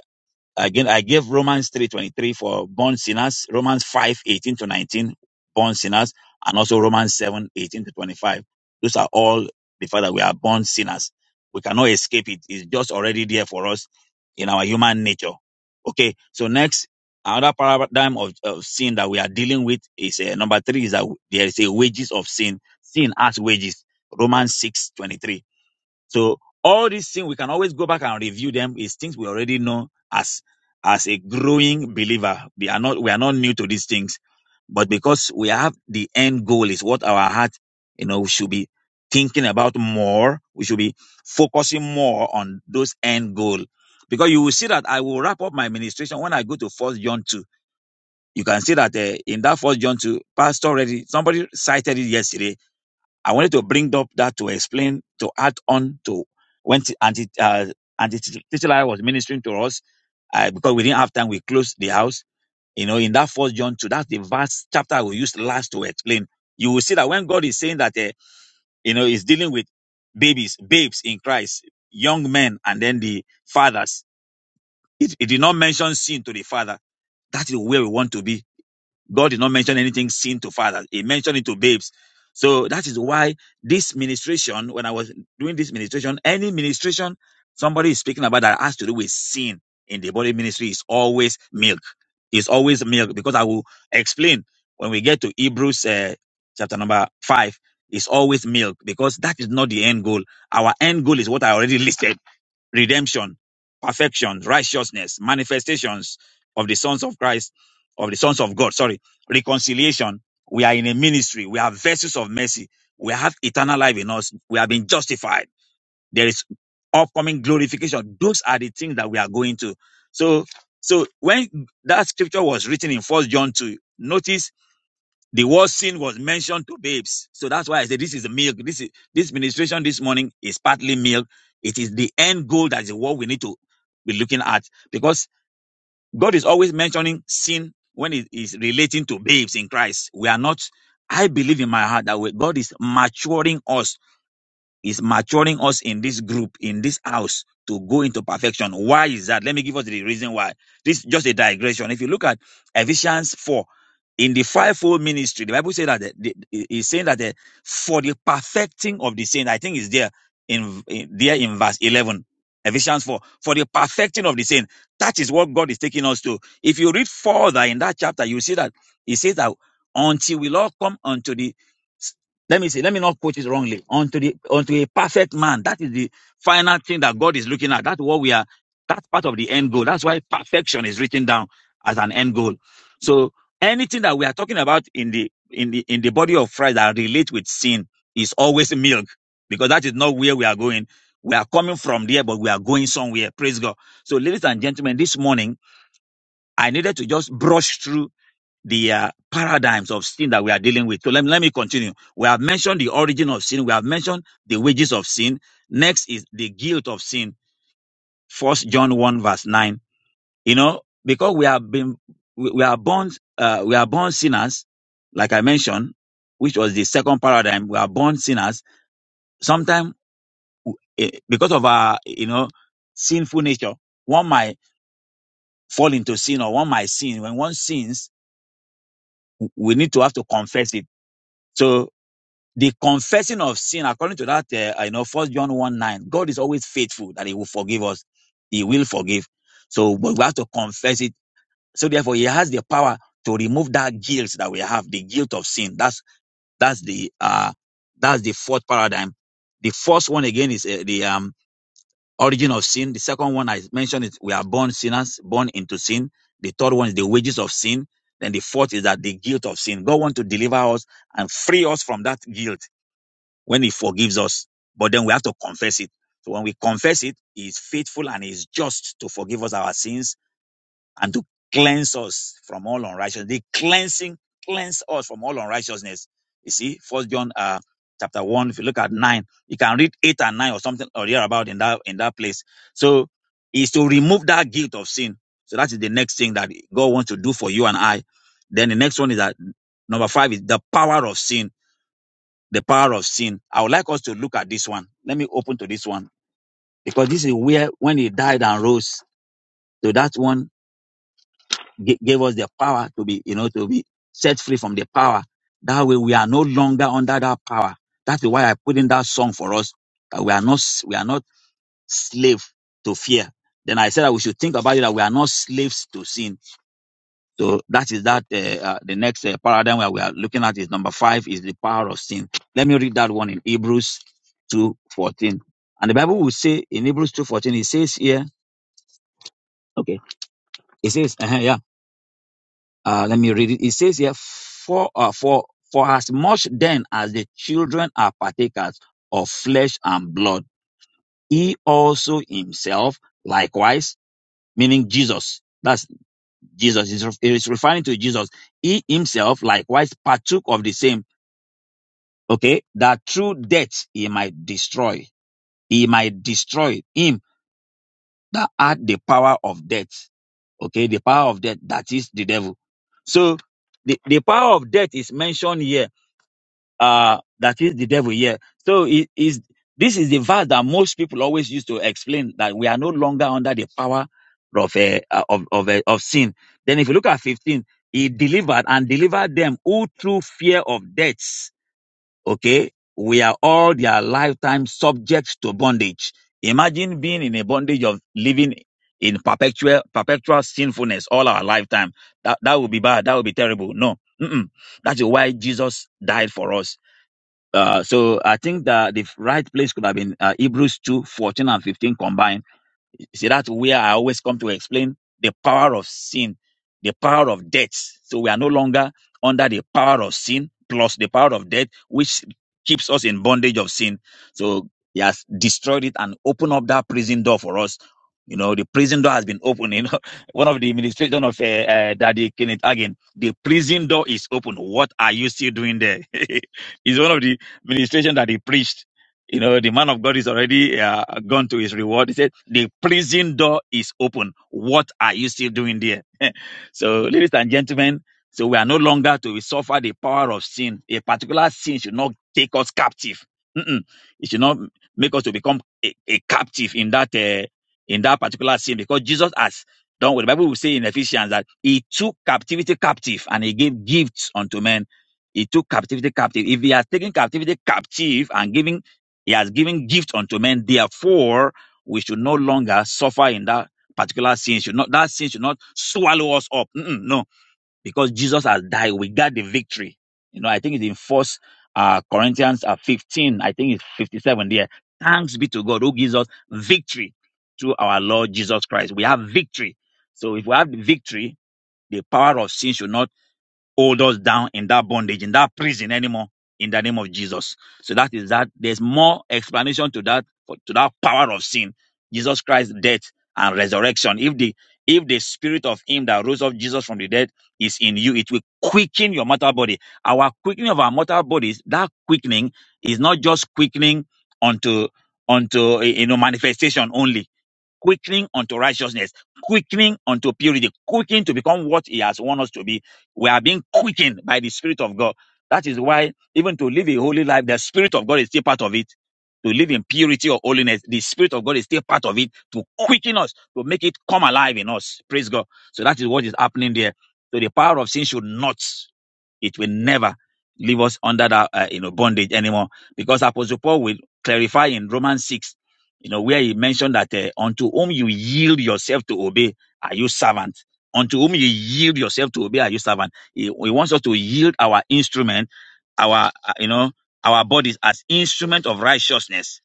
Again, I gave Romans 3.23 for born sinners, Romans 5.18 to 19, born sinners, and also Romans 7.18 to 25. Those are all the fact that we are born sinners. We cannot escape it. It's just already there for us in our human nature. Okay, so next, another paradigm of, of sin that we are dealing with is uh, number three is that there is a wages of sin, sin as wages, Romans 6.23. So all these things we can always go back and review them is things we already know as as a growing believer. We are not we are not new to these things, but because we have the end goal is what our heart, you know, should be thinking about more. We should be focusing more on those end goal. Because you will see that I will wrap up my ministration when I go to First John two. You can see that uh, in that First John two, Pastor already somebody cited it yesterday I wanted to bring up that to explain, to add on to when t- Auntie, uh, Auntie Titular was ministering to us, uh, because we didn't have time, we closed the house. You know, in that first John 2, that's the verse chapter we used last to explain. You will see that when God is saying that, uh, you know, he's dealing with babies, babes in Christ, young men, and then the fathers, it, it did not mention sin to the father. That is where we want to be God did not mention anything sin to fathers. He mentioned it to babes. So that is why this ministration, when I was doing this ministration, any ministration somebody is speaking about that has to do with sin in the body ministry is always milk. It's always milk because I will explain when we get to Hebrews uh, chapter number five. It's always milk because that is not the end goal. Our end goal is what I already listed redemption, perfection, righteousness, manifestations of the sons of Christ, of the sons of God, sorry, reconciliation. We are in a ministry. We are vessels of mercy. We have eternal life in us. We have been justified. There is upcoming glorification. Those are the things that we are going to. So, so when that scripture was written in First John 2, notice the word sin was mentioned to babes. So that's why I say this is the milk. This is this ministration this morning is partly milk. It is the end goal that is what we need to be looking at because God is always mentioning sin when it is relating to babes in Christ. We are not, I believe in my heart that we, God is maturing us is maturing us in this group, in this house to go into perfection. Why is that? Let me give us the reason why. This is just a digression. If you look at Ephesians 4, in the fivefold ministry, the Bible says that the, the, it's saying that the, for the perfecting of the saint, I think it's there in, in there in verse 11. Ephesians 4, for the perfecting of the saint. That is what God is taking us to. If you read further in that chapter, you see that he says that until we all come unto the let me see. Let me not quote it wrongly. Unto the unto a perfect man. That is the final thing that God is looking at. That's what we are. That's part of the end goal. That's why perfection is written down as an end goal. So anything that we are talking about in the in the in the body of Christ that relate with sin is always milk because that is not where we are going. We are coming from there, but we are going somewhere. Praise God. So, ladies and gentlemen, this morning I needed to just brush through the uh, paradigms of sin that we are dealing with. So let, me, let me continue. We have mentioned the origin of sin. We have mentioned the wages of sin. Next is the guilt of sin. First John 1 verse 9. You know, because we have been, we, we are born, uh, we are born sinners, like I mentioned, which was the second paradigm. We are born sinners. Sometimes because of our, you know, sinful nature, one might fall into sin or one might sin. When one sins, we need to have to confess it. So the confessing of sin, according to that, uh, you know, First John 1 9, God is always faithful that He will forgive us. He will forgive. So, but we have to confess it. So, therefore, He has the power to remove that guilt that we have, the guilt of sin. That's that's the uh that's the fourth paradigm. The first one again is uh, the um origin of sin. The second one I mentioned is we are born sinners, born into sin. The third one is the wages of sin. Then the fourth is that the guilt of sin. God wants to deliver us and free us from that guilt when he forgives us. But then we have to confess it. So when we confess it, he is faithful and he is just to forgive us our sins and to cleanse us from all unrighteousness. The cleansing cleanse us from all unrighteousness. You see, First John uh, chapter one. If you look at nine, you can read eight and nine or something or thereabout in that in that place. So is to remove that guilt of sin. So that is the next thing that God wants to do for you and I. Then the next one is that number five is the power of sin the power of sin. I would like us to look at this one. Let me open to this one because this is where when he died and rose, so that one ga- gave us the power to be, you know, to be set free from the power. That way we are no longer under that power. That is why I put in that song for us that we are not we are not slave to fear. Then I said that we should think about it that we are not slaves to sin So that is that. Uh, uh, the next uh, paradigm where we are looking at is number five is the power of sin. Let me read that one in Hebrews two fourteen, and the Bible will say in Hebrews two fourteen it says here. Okay, it says uh yeah. Uh, let me read it. It says here for uh, for for as much then as the children are partakers of flesh and blood, he also himself likewise, meaning Jesus. That's Jesus. It's re- It's referring to Jesus. He himself likewise partook of the same okay, that through death he might destroy, he might destroy him that had the power of death, okay, the power of death, that is the devil. So the, the power of death is mentioned here, uh, that is the devil here. So it is, this is the verse that most people always use to explain that we are no longer under the power of, eh, uh, of, of, uh, of sin. Then if you look at 15, he delivered and delivered them who through fear of death Okay. We are all their lifetime subject to bondage. Imagine being in a bondage of living in perpetual, perpetual sinfulness all our lifetime. That, that would be bad. That would be terrible. No. Mm-mm. That is why Jesus died for us. Uh, so I think that the right place could have been uh, Hebrews 2 14 and 15 combined you see, that's where I always come to explain the power of sin, the power of death. So we are no longer under the power of sin plus the power of death, which keeps us in bondage of sin. So he has destroyed it and opened up that prison door for us. You know, the prison door has been opened. You know, one of the administration of uh, uh, Daddy Kenneth again, the prison door is open. What are you still doing there? It's one of the ministration that he preached you know, the man of God is already uh, gone to his reward. He said, The prison door is open. What are you still doing there? so, ladies and gentlemen, so we are no longer to suffer the power of sin. A particular sin should not take us captive. Mm-mm. It should not make us to become a, a captive in that uh, in that particular sin because Jesus has done what the Bible will say in Ephesians that he took captivity captive and he gave gifts unto men. He took captivity captive. If he has taken captivity captive and given he has given gift unto men. Therefore, we should no longer suffer in that particular sin. Should not that sin should not swallow us up. Mm-mm, no, because Jesus has died, we got the victory. You know, I think it's in First uh, Corinthians uh, 15. I think it's 57 there. Thanks be to God who gives us victory through our Lord Jesus Christ. We have victory. So if we have the victory, the power of sin should not hold us down in that bondage, in that prison anymore, in the name of Jesus. So that is that. There's more explanation to that to that power of sin, Jesus Christ's death and resurrection. If the if the spirit of Him that rose up Jesus from the dead is in you, it will quicken your mortal body. Our quickening of our mortal bodies, that quickening is not just quickening unto unto you know manifestation only quickening unto righteousness, quickening unto purity, quickening to become what He has want us to be. We are being quickened by the Spirit of God. That is why, even to live a holy life, the Spirit of God is still part of it. To live in purity or holiness, the Spirit of God is still part of it to quicken us, to make it come alive in us. Praise God. So that is what is happening there. So the power of sin should not, it will never leave us under that uh, you know, bondage anymore. Because Apostle Paul will clarify in Romans 6 you know, where he mentioned that uh, unto whom you yield yourself to obey, are you servant? Unto whom you yield yourself to obey, are you servant? He, he wants us to yield our instrument, our, uh, you know, our bodies as instrument of righteousness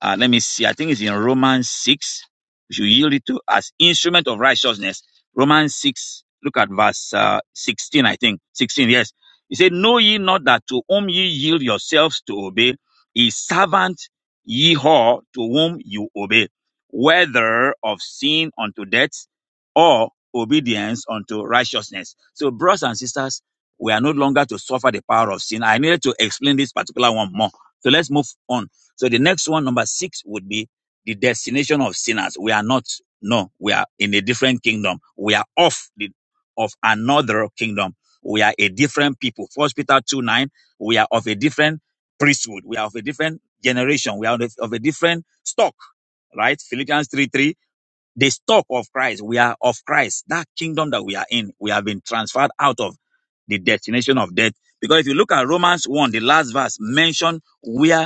uh, let me see. I think it's in Romans 6. We should yield it to as instrument of righteousness. Romans 6. Look at verse uh, 16, I think. 16, yes. He said, Know ye not that to whom ye yield yourselves to obey, is servant ye all to whom you obey, whether of sin unto death or obedience unto righteousness. So, brothers and sisters, we are no longer to suffer the power of sin. I needed to explain this particular one more. So let's move on so the next one, number six, would be the destination of sinners. We are not, no, we are in a different kingdom. We are off the, of another kingdom. We are a different people. First Peter 2 9, we are of a different priesthood. We are of a different generation. We are of of a different stock, right? Philippians 3 3, the stock of Christ. We are of Christ. That kingdom that we are in, we have been transferred out of the destination of death. Because if you look at Romans 1, the last verse mentioned where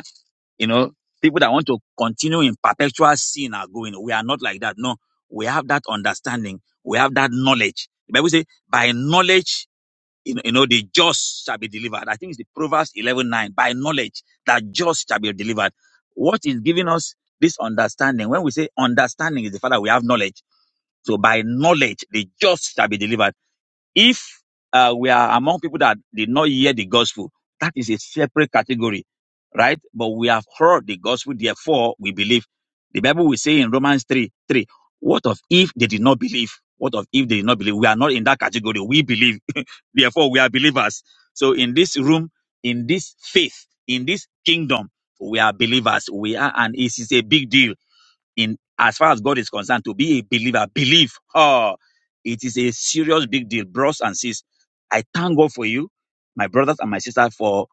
you know, people that want to continue in perpetual sin are going. We are not like that. No, we have that understanding. We have that knowledge. The Bible says, by knowledge, you know, you know, the just shall be delivered. I think it's the Proverbs eleven nine. By knowledge, that just shall be delivered. What is giving us this understanding? When we say understanding is the fact that we have knowledge. So by knowledge, the just shall be delivered if uh, we are among people that did not hear the gospel, that is a separate category, right? But we have heard the gospel, therefore we believe. The Bible will say in Romans 3 3, what of if they did not believe? What of if they did not believe? We are not in that category. We believe, therefore we are believers. So in this room, in this faith, in this kingdom, we are believers. We are, and it is a big deal in as far as God is concerned, to be a believer, believe. Oh, it is a serious big deal, bros and sis. I thank God for you, my brothers and my sisters, for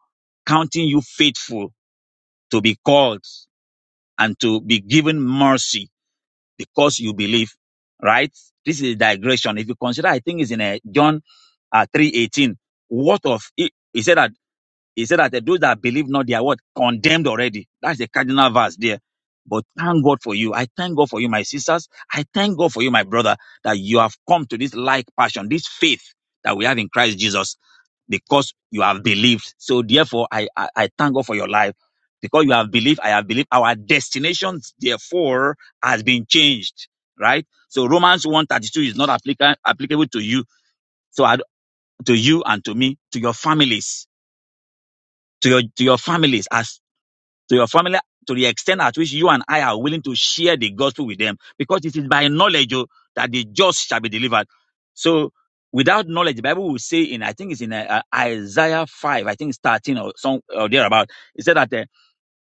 counting you faithful to be called and to be given mercy because you believe. Right? This is a digression. If you consider, I think it's in uh John uh, three eighteen. What of it? He said that he said that those that believe not, they are what? Condemned already. That's the cardinal verse there. But thank God for you. I thank God for you, my sisters. I thank God for you, my brother, that you have come to this like passion, this faith that we have in Christ Jesus because you have believed. So therefore, I, I, I thank God for your life because you have believed. I have believed our destinations, therefore, has been changed, right? So Romans 132 is not applica- applicable to you. So I, to you and to me, to your families, to your, to your families. as to your family to the extent at which you and I are willing to share the gospel with them, because it is by knowledge oh, that the just shall be delivered. So without knowledge, the Bible will say in I think it's in uh, uh, Isaiah five, I think it's thirteen or some or thereabout. It said that uh,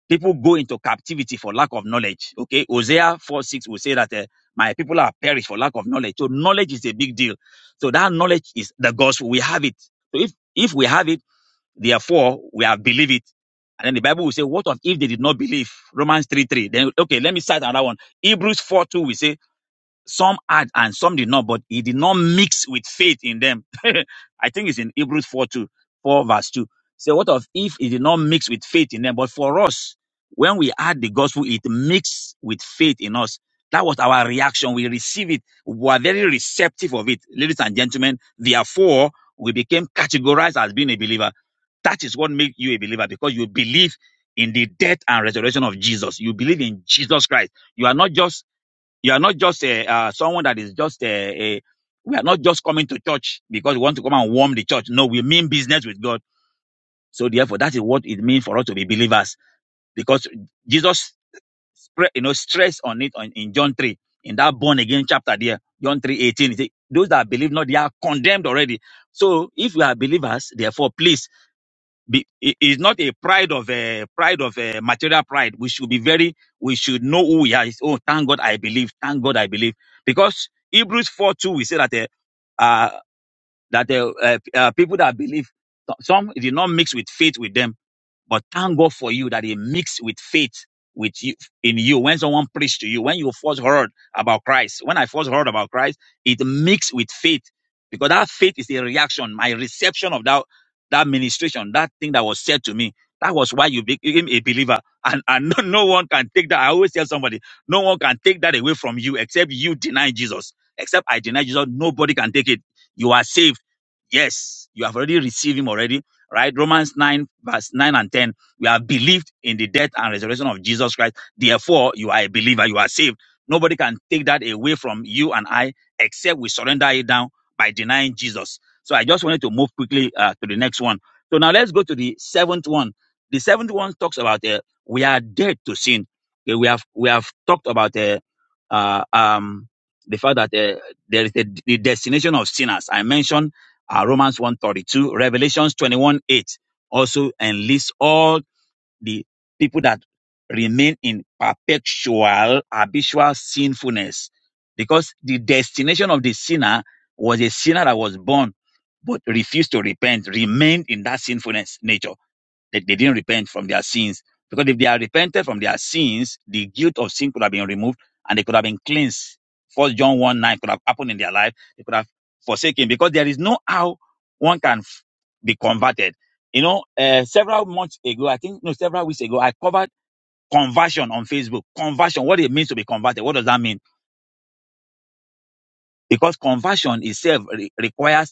people go into captivity for lack of knowledge. Okay, Hosea four six will say that uh, my people are perished for lack of knowledge. So knowledge is a big deal. So that knowledge is the gospel. We have it. So if if we have it Therefore, we have believed it. And then the Bible will say, What of if they did not believe? Romans 3 3. Then, okay, let me cite another one. Hebrews 4 2, we say, some had and some did not, but he did not mix with faith in them. I think it's in Hebrews 4 2 4 verse 2. So what of if it did not mix with faith in them? But for us, when we had the gospel, it mixed with faith in us. That was our reaction. We received it. We were very receptive of it. Ladies and gentlemen, therefore, we became categorized as being a believer. That is what makes you a believer because you believe in the death and resurrection of Jesus. You believe in Jesus Christ. You are not just you are not just uh, uh, someone that is just uh, a. We are not just coming to church because we want to come and warm the church. No, we mean business with God. So therefore, that is what it means for us to be believers because Jesus, you know, stress on it on, in John three in that born again chapter there, John three eighteen. He said, "Those that believe not, they are condemned already." So if we are believers, therefore, please be, it is not a pride of a pride of a material pride. We should be very, we should know who we are. It's, oh, thank God I believe. Thank God I believe. Because Hebrews 4 2, we say that uh, uh, that uh, uh, uh, people that believe, some it did not mix with faith with them but thank God for you that He mixed with faith with you in you. When someone preached to you, when you first heard about Christ, when I first heard about Christ, it mixed with faith because that faith is a reaction, my reception of that that ministration, that thing that was said to me. That was why you became a believer, and and no, no one can take that. I always tell somebody, no one can take that away from you except you deny Jesus. Except I deny Jesus, nobody can take it. You are saved Yes, you have already received him already, right? Romans 9, verse 9 and 10. We have believed in the death and resurrection of Jesus Christ. Therefore, you are a believer, you are saved. Nobody can take that away from you and I except we surrender it down by denying Jesus. So I just wanted to move quickly uh, to the next one. So now let's go to the seventh one. The seventh one talks about uh, we are dead to sin. Okay, we have we have talked about uh, uh, um, the fact that uh, there is a, the destination of sinners. I mentioned uh, Romans 132, Revelations 21, 8 also enlists all the people that remain in perpetual, habitual sinfulness. Because the destination of the sinner was a sinner that was born but refused to repent, remained in that sinfulness nature. That they didn't repent from their sins. Because if they had repented from their sins, the guilt of sin could have been removed and they could have been cleansed. First John 1 9 could have happened in their life. They could have forsaken because there is no how one can f- be converted. You know, uh, several months ago, I think, no, several weeks ago, I covered conversion on Facebook. Conversion, what it means to be converted. What does that mean? Because conversion itself re- requires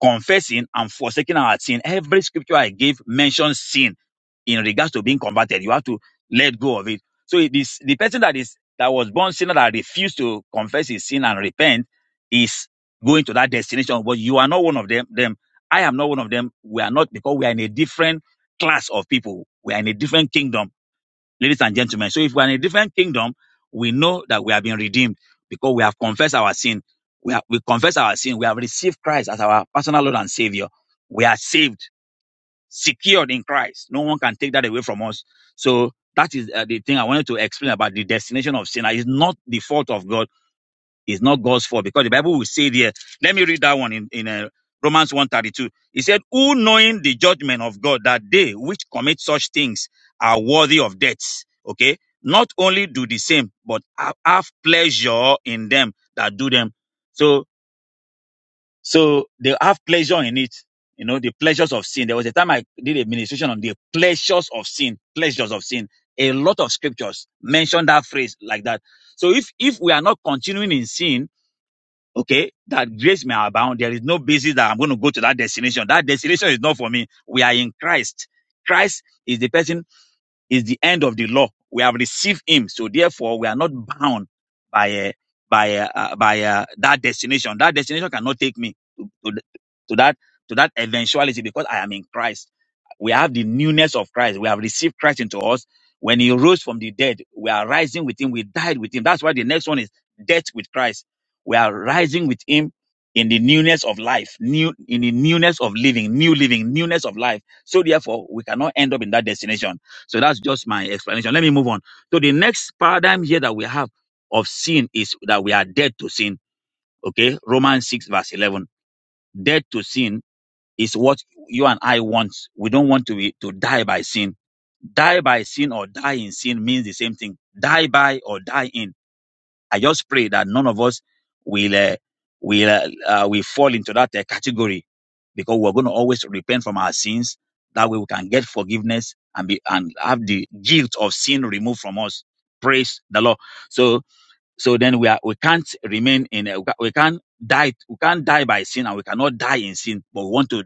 confessing and forsaking our sin. Every scripture I gave mentions sin in regards to being converted. You have to let go of it. So it is the person that is that was born sinner that refused to confess his sin and repent is going to that destination. But you are not one of them. Them I am not one of them. We are not because we are in a different class of people. We are in a different kingdom ladies and gentlemen. So if we're in a different kingdom, we know that we have been redeemed because we have confessed our sin. We, have, we confess our sin. We have received Christ as our personal Lord and Savior. We are saved, secured in Christ. No one can take that away from us. So that is uh, the thing I wanted to explain about the destination of sin. It's not the fault of God it's not God's fault because the Bible will say there. Let me read that one in, in uh, Romans 132. It said, Who knowing the judgment of God that they which commit such things are worthy of death. Okay. Not only do the same, but ha- have pleasure in them that do them. So, so they have pleasure in it. You know, the pleasures of sin. There was a time I did a ministration on the pleasures of sin, pleasures of sin. A lot of scriptures mention that phrase like that. So if, if we are not continuing in sin, okay, that grace may abound. There is no basis that I'm going to go to that destination. That destination is not for me. We are in Christ. Christ is the person is the end of the law. We have received him, so therefore we are not bound by uh, by uh, uh, by uh, that destination. That destination cannot take me to, to, to that to that eventuality because I am in Christ. We have the newness of Christ. We have received Christ into us. When he rose from the dead, we are rising with him. We died with him. That's why the next one is death with Christ. We are rising with him in the newness of life, new in the newness of living, new living, newness of life. So therefore, we cannot end up in that destination. So that's just my explanation. Let me move on. So the next paradigm here that we have of sin is that we are dead to sin. Okay. Romans 6 verse 11. Dead to sin is what you and I want. We don't want to be, to die by sin. Die by sin or die in sin means the same thing. Die by or die in. I just pray that none of us will uh, will uh, uh, will fall into that uh, category because we're going to always repent from our sins. That way, we can get forgiveness and be and have the guilt of sin removed from us. Praise the Lord. So so then we are we can't remain in a, we can't die we can't die by sin and we cannot die in sin, but we want to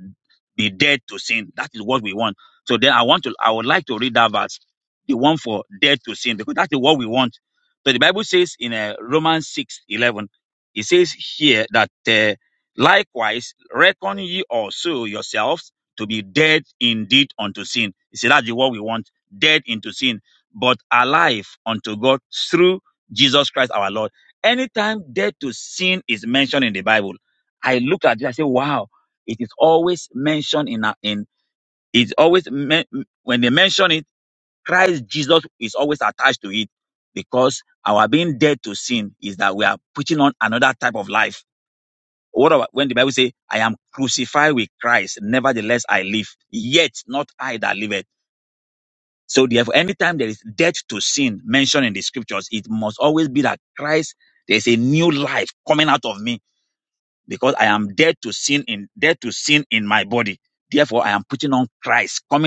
be dead to sin. That is what we want. So then I want to I would like to read that verse, the one for dead to sin, because that is what we want. So the Bible says in uh, Romans six eleven, it says here that uh, likewise reckon ye also yourselves to be dead indeed unto sin. You see, that's the what we want, dead into sin, but alive unto God through Jesus Christ our Lord. Anytime death to sin is mentioned in the Bible, I look at it, I say, wow, it is always mentioned in, in it's always, men, when they mention it, Christ Jesus is always attached to it because our being dead to sin is that we are putting on another type of life. What about when the Bible say, I am crucified with Christ, nevertheless I live, yet not I that live so therefore, anytime there is death to sin mentioned in the scriptures, it must always be that Christ, there's a new life coming out of me because I am dead to sin in dead to sin in my body. Therefore, I am putting on Christ coming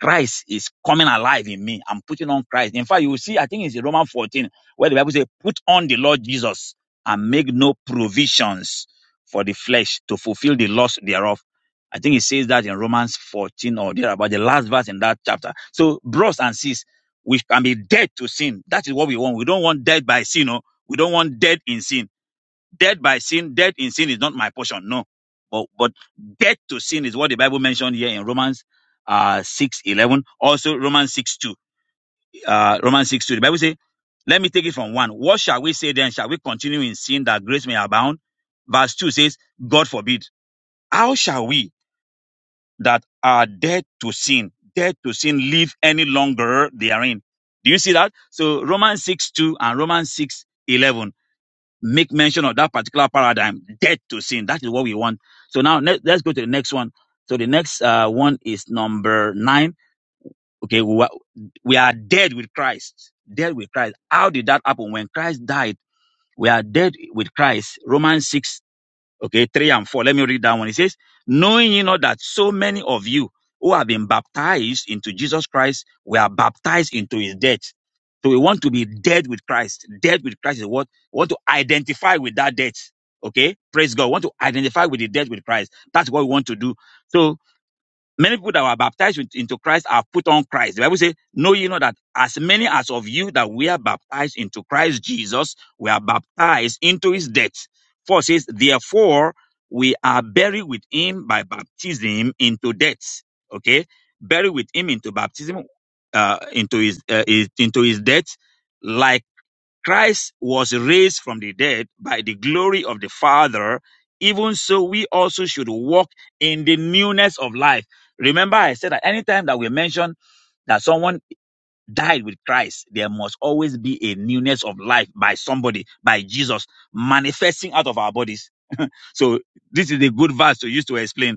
Christ is coming alive in me. I'm putting on Christ. In fact, you will see, I think it's in Romans 14, where the Bible says, put on the Lord Jesus and make no provisions for the flesh to fulfill the lust thereof. I think it says that in Romans 14 or there about the last verse in that chapter. So, bros and sis, we can be dead to sin. That is what we want. We don't want dead by sin. No? We don't want dead in sin. Death by sin, death in sin is not my portion. No. But, but death to sin is what the Bible mentioned here in Romans uh, 6 eleven. Also, Romans 6 2. Uh, Romans 6 2. The Bible says, let me take it from one. What shall we say then? Shall we continue in sin that grace may abound? Verse 2 says, God forbid. How shall we that are dead to sin, dead to sin, live any longer therein? Do you see that? So Romans 6 2 and Romans 6:11 make mention of that particular paradigm, death to sin. That is what we want. So now let, let's go to the next one. So the next uh, one is number nine. Okay, we, wa- we are dead with Christ. Dead with Christ. How did that happen? When Christ died, we are dead with Christ. Romans 6 Okay, three and four. Let me read that one. It says, Knowing you know that so many of you who have been baptized into Jesus Christ were baptized into his death. So we want to be dead with Christ. Dead with Christ is what we want to identify with that death. Okay, praise God. We want to identify with the death with Christ. That's what we want to do. So. Many people that were baptized into Christ are put on Christ. The Bible says, Know ye not that as many as of you that were baptized into Christ Jesus were baptized into his death. For it says, Therefore we are buried with him by baptism into death. Okay? Buried with him into baptism, uh, into his, uh, his into his death, like. Christ was raised from the dead by the glory of the Father. Even so, we also should walk in the newness of life. Remember, I said that anytime that we mention that someone died with Christ, there must always be a newness of life by somebody, by Jesus, manifesting out of our bodies. So, this is a good verse to use to explain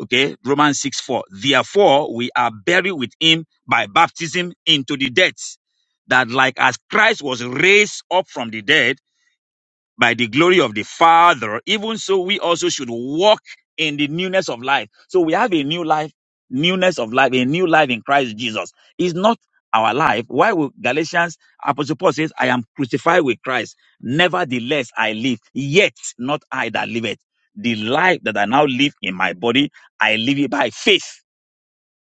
Okay, Romans 6 4. Therefore, we are buried with him by baptism into the death, that like as Christ was raised up from the dead by the glory of the Father, even so we also should walk in the newness of life. So we have a new life, newness of life, a new life in Christ Jesus. It's not our life. Why would Galatians Apostle Paul says, I am crucified with Christ. Nevertheless, I live, yet not I that live it. The life that I now live in my body, I live it by faith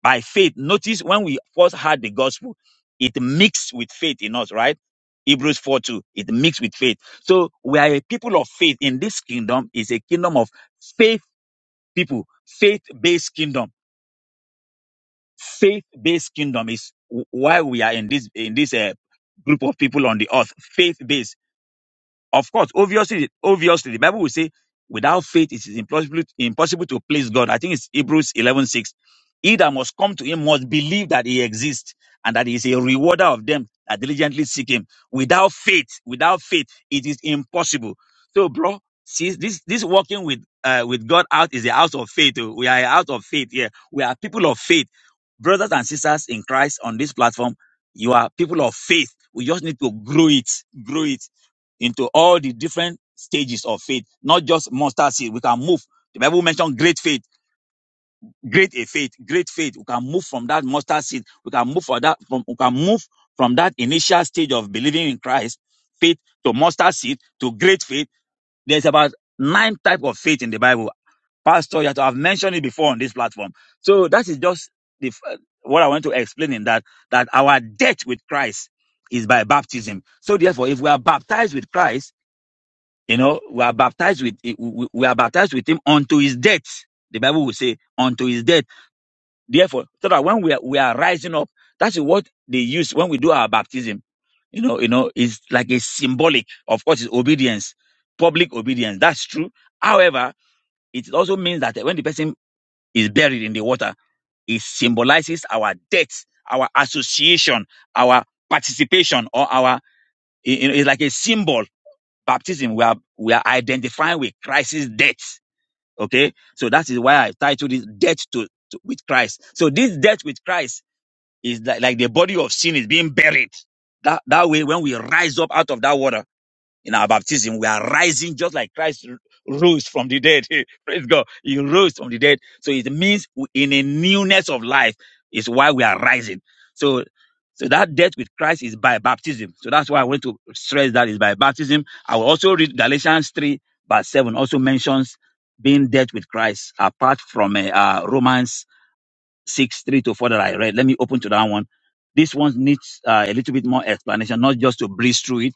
by faith. Notice when we first heard the gospel, it mixed with faith in us, right? Hebrews 4 2, it mixed with faith. So we are a people of faith in this kingdom, is a kingdom of faith people, faith based kingdom. Faith based kingdom is wh- why we are in this, in this uh, group of people on the earth, faith based of course, obviously, obviously, the Bible will say, without faith, it is impossible, impossible to please God. I think it's Hebrews eleven six. He that must come to him must believe that he exists and that he is a rewarder of them that diligently seek him. Without faith, without faith, it is impossible. So, bro, see, this, this walking with, uh, with God out is a house of faith. oh. We are a house of faith here. We are people of faith. Brothers and sisters in Christ on this platform, you are people of faith. We just need to grow it, grow it into all the different stages of faith, not just mustard seed. We can move. The Bible mentioned great faith, great a faith, great faith. We can move from that mustard seed. We can move for that from we can move from that initial stage of believing in Christ, faith to mustard seed to great faith. There's about nine types of faith in the Bible. Pastor, you have to have mentioned it before on this platform. So that is just the what I want to explain in that that our debt with Christ is by baptism. So therefore, if we are baptized with Christ you know, we are baptized with eh, we are baptized with him unto his death. The Bible will say unto his death. Therefore, so that when we are, we are rising up, that's what they use when we do our baptism. You know, you know, it's like a symbolic. Of course, it's obedience, public obedience. That's true. However, it also means that when the person is buried in the water, it symbolizes our death, our association, our participation, or our you know, it's like a symbol baptism, we are we are identifying with Christ's death. Okay, so that is why I titled this "Death to, to- with Christ." So this death with Christ is like, like the body of sin is being buried. That that way, when we rise up out of that water in our baptism, we are rising just like Christ rose from the dead. Praise God. He rose from the dead. So it means in a newness of life is why we are rising. So, so that death with Christ is by baptism. So that's why I want to stress that is by baptism. I will also read Galatians 3 verse 7 also mentions being dead with Christ apart from uh, uh, Romans 6, 3 to 4 that I read. Let me open to that one. This one needs uh, a little bit more explanation, not just to breeze through it.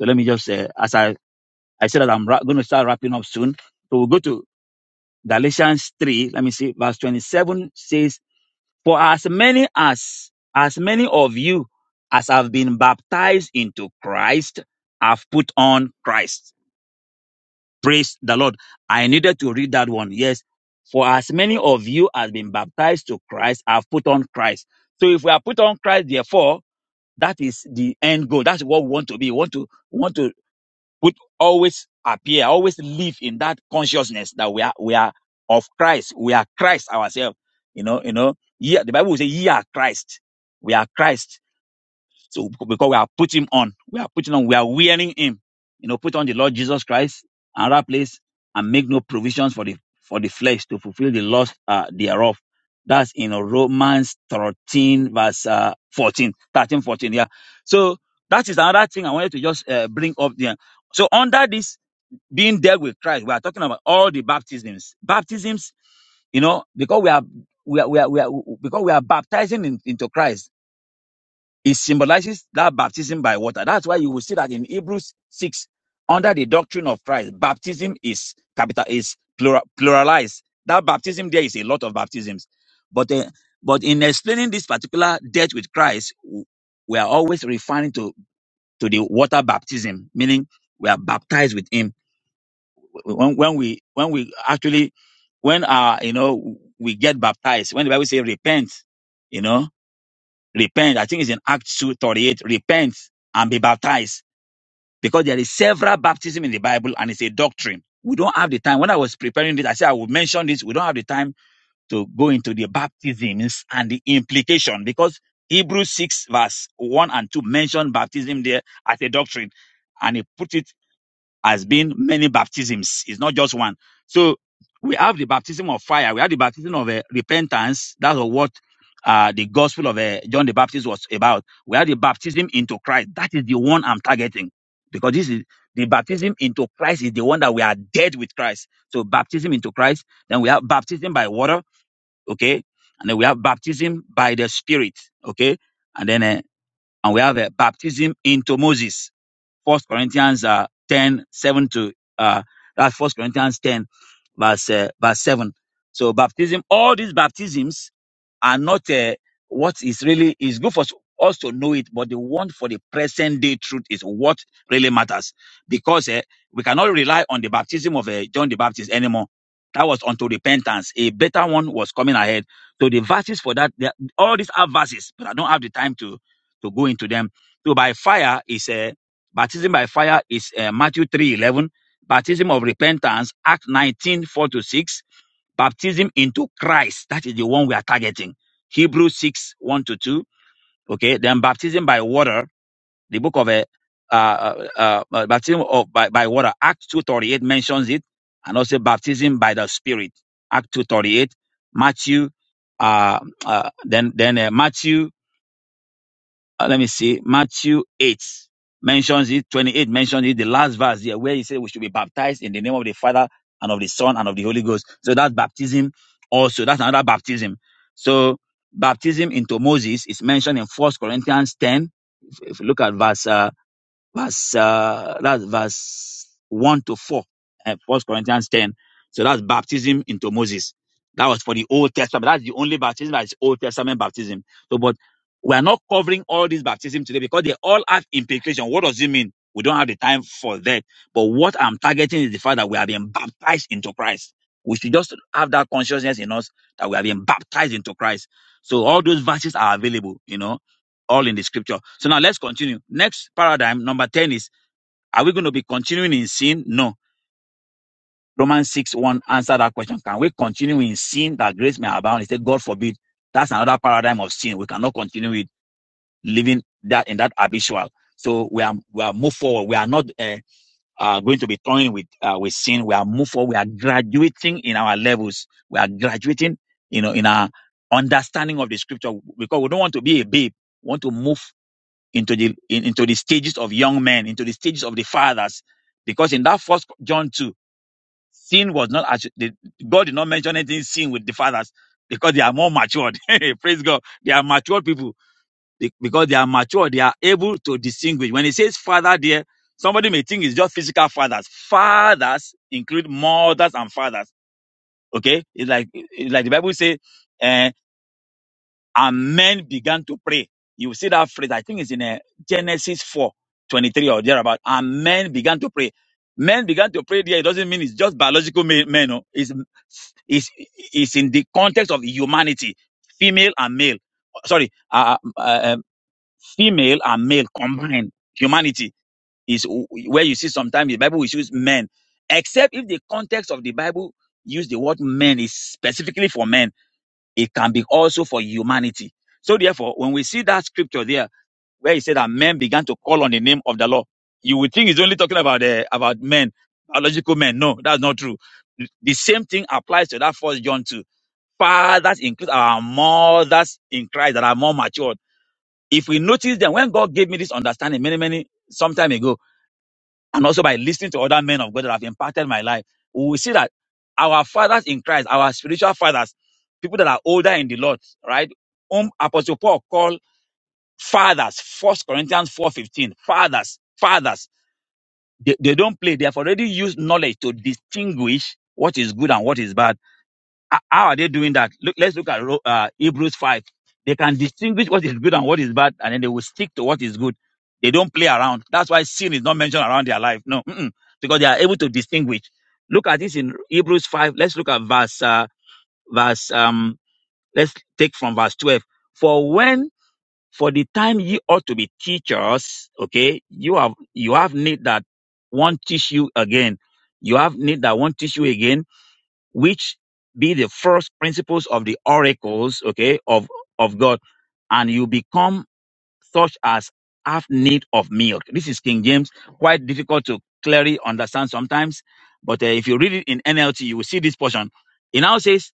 So let me just uh, as I. I said that I'm ra- going to start wrapping up soon. So we'll go to Galatians 3. Let me see. Verse 27 says, For as many as, as many of you as have been baptized into Christ have put on Christ. Praise the Lord. I needed to read that one. Yes. For as many of you as been baptized to Christ have put on Christ. So if we are put on Christ, therefore, that is the end goal. That's what we want to be. We want to, we want to would always appear, always live in that consciousness that we are we are of Christ. We are Christ ourselves. You know, you know, yeah, the Bible will say, ye are Christ. We are Christ so because we are putting on, we are putting on, we are wearing him. You know, put on the Lord Jesus Christ and that place and make no provisions for the for the flesh to fulfill the lust uh, thereof. That's in Romans 13, verse uh, 14, thirteen, fourteen. Yeah. So that is another thing I wanted to just uh, bring up there. So under this being dead with Christ, we are talking about all the baptisms. Baptisms you know, because we are we are we are, we are because we are baptizing in, into Christ. It symbolizes that baptism by water. That's why you will see that in Hebrews 6, under the doctrine of Christ, baptism is capital is plural, pluralized. That baptism there is a lot of baptisms. But uh, but in explaining this particular death with Christ, w- we are always referring to to the water baptism, meaning we are baptized with him when, when we when we actually when uh you know we get baptized when the bible says repent you know Repent. I think it's in Acts 2 38. Repent and be baptized because there is several baptism in the Bible and it's a doctrine. We don't have the time. When I was preparing this, I said I would mention this. We don't have the time to go into the baptisms and the implication because Hebrews 6 verse 1 and 2 mention baptism there as a doctrine and he put it has been many baptisms. It's not just one. So we have the baptism of fire. We have the baptism of uh, repentance. That's what uh, the gospel of uh, John the Baptist was about. We have the baptism into Christ. That is the one I'm targeting because this is the baptism into Christ is the one that we are dead with Christ. So baptism into Christ. Then we have baptism by water. Okay. And then we have baptism by the Spirit. Okay. And then, uh, and we have a baptism into Moses. First Corinthians uh, 10 7 to uh, that's First Corinthians 10, verse uh, verse 7. So baptism, all these baptisms are not uh, what is really is good for us us to know it, but the one for the present day truth is what really matters because uh, we cannot rely on the baptism of uh, John the Baptist anymore. That was unto repentance. A better one was coming ahead. So the verses for that, they are- all these are verses, but I don't have the time to to go into them. So by fire is a Baptism by fire is uh, Matthew 3 11. Baptism of repentance, Act 19 4 to 6. Baptism into Christ, that is the one we are targeting. Hebrews 6 1 to 2. Okay, then baptism by water, the book of a uh, uh, uh, uh, baptism of by, by water, Act 238 mentions it, and also baptism by the Spirit, Act 238, Matthew, uh, uh, then then uh, Matthew uh, let me see, Matthew 8 mentions it, 28 mentions it, the last verse here, where he said we should be baptized in the name of the Father and of the Son and of the Holy Ghost. So that's baptism also. That's another baptism. So baptism into Moses is mentioned in First Corinthians 10. If, if you look at verse uh, Verse, uh, that's verse 1 to 4, uh, 1 Corinthians 10. So that's baptism into Moses. That was for the Old Testament. That's the only baptism that is Old Testament baptism. So, but we are not covering all these baptism today because they all have implication. What does it mean? We don't have the time for that. But what I'm targeting is the fact that we are being baptized into Christ. We should just have that consciousness in us that we are being baptized into Christ. So all those verses are available, you know all in the scripture. So now let's continue. Next paradigm, number 10 is are we going to be continuing in sin? No. Romans 6 1 answer that question. Can we continue in sin that grace may abound? He said, God forbid. That's another paradigm of sin. We cannot continue with living that in that habitual. So we are we are move forward. We are not uh, uh, going to be toying with uh, with sin. We are move forward. We are graduating in our levels. We are graduating, you know, in our understanding of the scripture because we don't want to be a babe. We want to move into the in- into the stages of young men, into the stages of the fathers, because in that first John two, sin was not actu- the, God did not mention anything sin with the fathers because they are more matured. Praise God, they are matured people be- because they are matured. They are able to distinguish. When it says father, there somebody may think it's just physical fathers. Fathers include mothers and fathers. Okay, it's like it's like the Bible says. And men began to pray. You see that phrase, I think it's in uh, Genesis 4:23 or thereabout. And men began to pray. Men began to pray there. It doesn't mean it's just biological men. men no. It's, it's, it's in the context of humanity, female and male. Sorry, uh, uh, uh, um, female and male combined. Humanity is w- where you see sometimes the Bible will use men, except if the context of the Bible use the word men is specifically for men it can be also for humanity. So therefore, when we see that scripture there, where he said that men began to call on the name of the Lord, you would think he's only talking about uh, about men, biological men. No, that's not true. The same thing applies to that First John too. Fathers include our mothers in Christ that are more matured. If we notice that, when God gave me this understanding many many some time ago, and also by listening to other men of God that have impacted my life, we will see that our fathers in Christ, our spiritual fathers, people that are older in the Lord, right? Whom Apostle Paul called fathers, First Corinthians 4.15, fathers, fathers. They, they don't play. They have already used knowledge to distinguish what is good and what is bad how how are they doing that? Look, let's look at Ro- uh, Hebrews 5. They can distinguish what is good and what is bad, and then they will stick to what is good. They don't play around. That's why sin is not mentioned around their life. No, mm-mm, because they are able to distinguish. Look at this in Hebrews 5. Let's look at verse, uh, verse, um, let's take from verse 12. For when, for the time ye ought to be teachers, okay, you have, you have need that one teach you again. You have need that one teach you again which be the first principles of the oracles, okay, of, of God, and you become such as have need of milk. This is King James, quite difficult to clearly understand sometimes, but uh, if you read it in NLT, you will see this portion. It now says,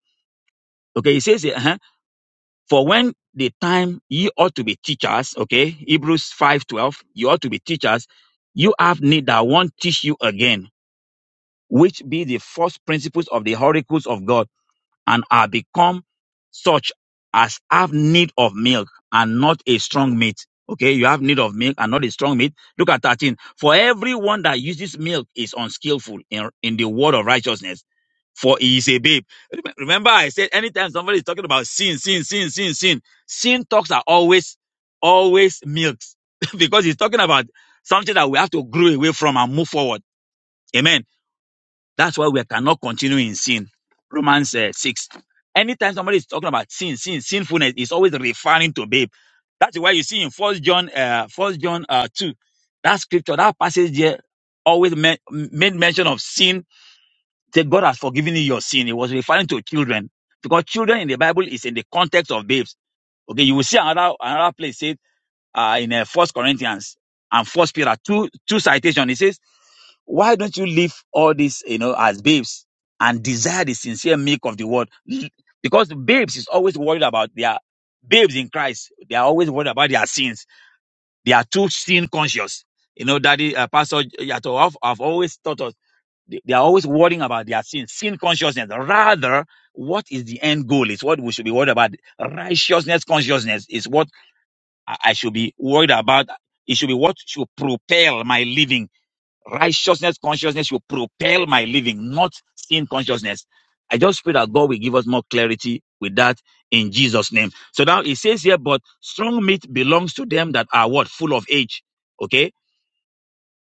okay, it says, uh huh. for when the time ye ought to be teachers, okay, Hebrews 5.12, you ought to be teachers, you have need that one teach you again, which be the first principles of the oracles of God and are become such as have need of milk and not a strong meat. Okay, you have need of milk and not a strong meat. Look at 13. For everyone that uses milk is unskillful in, in the word of righteousness, for he is a babe. Rem- Remember, I said anytime somebody is talking about sin, sin, sin, sin, sin, sin talks are always, always milks because he's talking about something that we have to grow away from and move forward. Amen. That's why we cannot continue in sin. Romans uh, 6. Anytime somebody is talking about sin, sin, sinfulness, is always referring to babe. That's why you see in First John, uh, First John uh, 2, that scripture, that passage there always me- made mention of sin. That God has forgiven you your sin. It was referring to children because children in the Bible is in the context of babes. Okay, you will see another another place. say uh, in uh, First Corinthians and First Peter two two citation. It says, "Why don't you leave all this, you know, as babes and desire the sincere milk of the word?" Because the babes is always worried about their babes in Christ. They are always worried about their sins. They are too sin conscious. You know, Daddy uh, Pastor Yato have, have always taught us. They they are always worrying about their sins, sin consciousness. Rather, what is the end goal? It's what we should be worried about. Righteousness consciousness is what I I should be worried about. It should be what should propel my living. Righteousness consciousness should propel my living, not sin consciousness. I just pray that God will give us more clarity with that in Jesus' name. So now it says here, but strong meat belongs to them that are what? Full of age. Okay.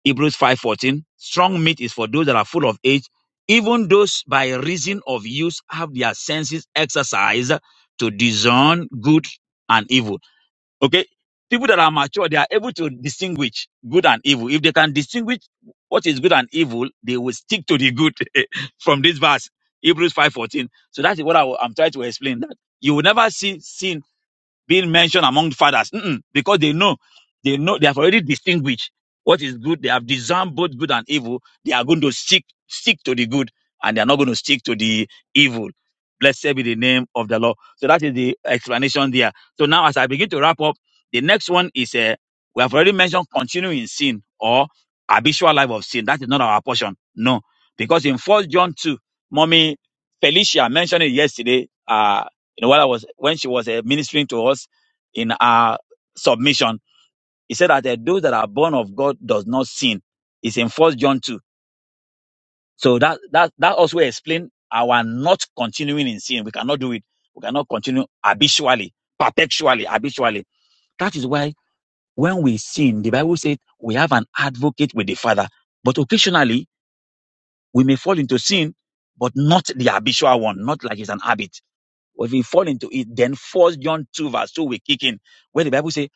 Hebrews 5:14. Strong meat is for those that are full of age, even those by reason of use have their senses exercised to discern good and evil. Okay? People that are mature, they are able to distinguish good and evil. If they can distinguish what is good and evil, they will stick to the good from this verse, Hebrews 5.14. So that is what I, am trying to explain. That you will never see sin being mentioned among fathers Mm-mm, because they know they know they have already distinguished what is good they have discerned both good and evil they are going to stick stick to the good and they are not going to stick to the evil blessed be the name of the lord so that is the explanation there so now as i begin to wrap up the next one is uh, we have already mentioned continuing in sin or habitual life of sin that is not our portion no because in first john 2 mommy felicia mentioned it yesterday Uh, you know, while I was when she was uh, ministering to us in our submission, he said that uh, those that are born of God does not sin. It's in First John two. So that that that also explains our not continuing in sin. We cannot do it. We cannot continue habitually, perpetually, habitually. That is why when we sin, the Bible says we have an advocate with the Father. But occasionally we may fall into sin, but not the habitual one, not like it's an habit. Or if we fall into it, then First John 2 verse 2 will kick in, where the Bible says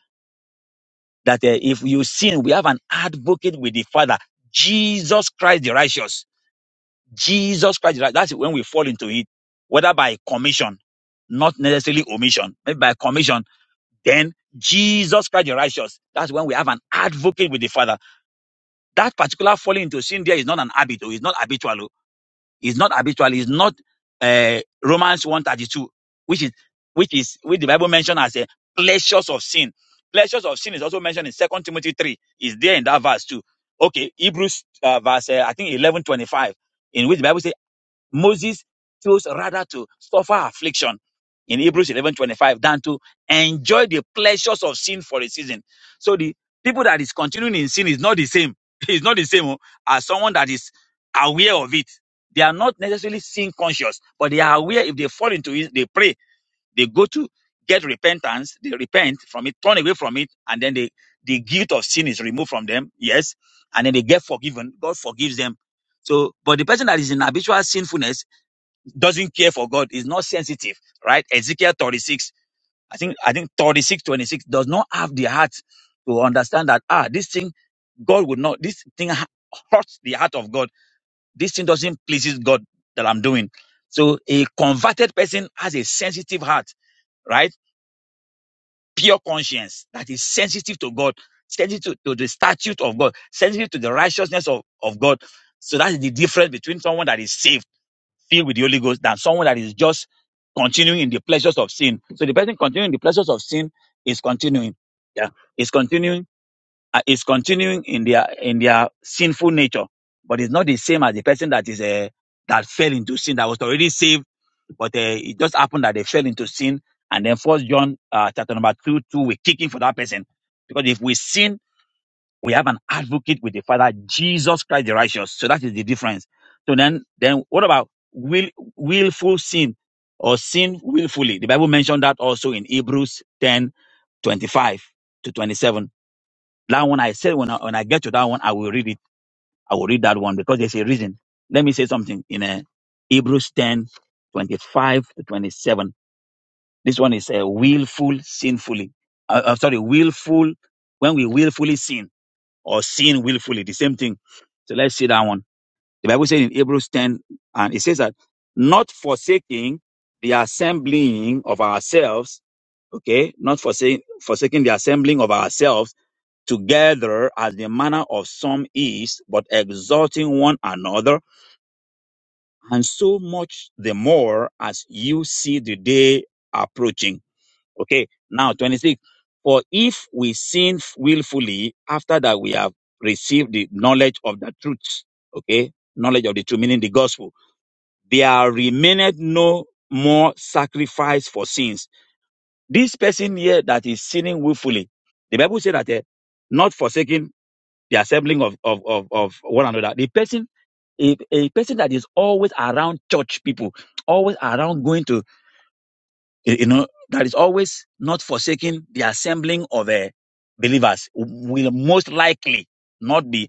that eh, if you sin, we have an advocate with the Father, Jesus Christ the righteous. Jesus Christ the righteous. That's when we fall into it, whether by commission, not necessarily omission, maybe by commission, then Jesus Christ the righteous. That's when we have an advocate with the Father. That particular falling into sin there is not an habit, oh, it's not habitual. oh. It's not habitual. It's not uh, Romans 132, which is which is which the Bible mentioned as a pleasures of sin. Pleasures of sin is also mentioned in Second Timothy 3. Is there in that verse too? Okay, Hebrews uh, verse uh, I think 11:25, in which the Bible says Moses chose rather to suffer affliction in Hebrews 11:25 than to enjoy the pleasures of sin for a season. So the people that is continuing in sin is not the same. It's not the same oh, as someone that is aware of it. They are not necessarily sin conscious, but they are aware if they fall into it, they pray, they go to get repentance, they repent from it, turn away from it, and then they, the guilt of sin is removed from them. Yes. And then they get forgiven. God forgives them. So, but the person that is in habitual sinfulness doesn't care for God, is not sensitive, right? Ezekiel 36, I think, I think 36:26 does not have the heart to understand that, ah, this thing, God would not, this thing ha- hurts the heart of God. This thing doesn't pleases God that I'm doing. So a converted person has a sensitive heart right? Pure conscience that is sensitive to God, sensitive to the statute of God, sensitive to the righteousness of, of God. So that is the difference between someone that is saved filled with the Holy Ghost than someone that is just continuing in the pleasures of sin. So the person continuing the pleasures of sin is continuing, yeah, is continuing, uh, is continuing in their in their sinful nature, but it's not the same as the person that is a that fell into sin that was already saved, but uh, it just happened that they fell into sin, and then First John uh, chapter number two two we're kicking for that person because if we sin we have an advocate with the Father, Jesus Christ the righteous. So that is the difference. So then, then what about will, willful sin or sin willfully? The Bible mentioned that also in Hebrews 10:25 to 27. That one I said when I, when I get to that one, I will read it. I will read that one because there's a reason. Let me say something in uh, Hebrews 10:25 to 27. This one is a willful sinfully. Uh, uh, sorry, willful, when we willfully sin or sin willfully. The same thing. So let's see that one. The Bible says in Hebrews 10, and it says that not forsaking the assembling of ourselves, okay, not forsaking, forsaking the assembling of ourselves together as the manner of some is, but exhorting one another, and so much the more as you see the day approaching. Okay. Now, 26. For if we sin willfully after that we have received the knowledge of the truth, okay, knowledge of the truth, meaning the gospel, there remaineth no more sacrifice for sins. This person here that is sinning willfully, the Bible says that eh, not forsaking the assembling of, of, of, of one another. The person a, a person that is always around church people, always around going to you you know, that is always not forsaking the assembling of uh, believers will most likely not be,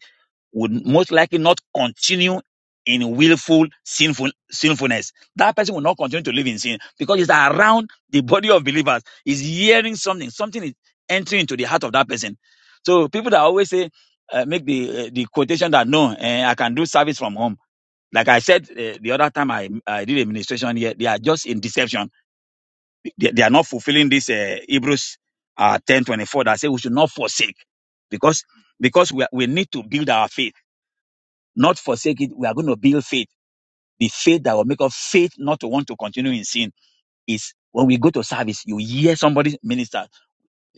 would most likely not continue in willful sinful sinfulness. That person will not continue to live in sin because it's around the body of believers. Is hearing something. Something is entering into the heart of that person. So people that always say, uh, make the uh, the quotation that no, eh, I can do service from home. Like I said uh, the other time I, I did a ministration here, they are just in deception they, they are not fulfilling this uh, Hebrews uh, 10 twenty four that say we should not forsake because because we, are- we need to build our faith, not forsake it. We are going to build faith. The faith that will make us faith not to want to continue in sin is when we go to service, you hear somebody minister.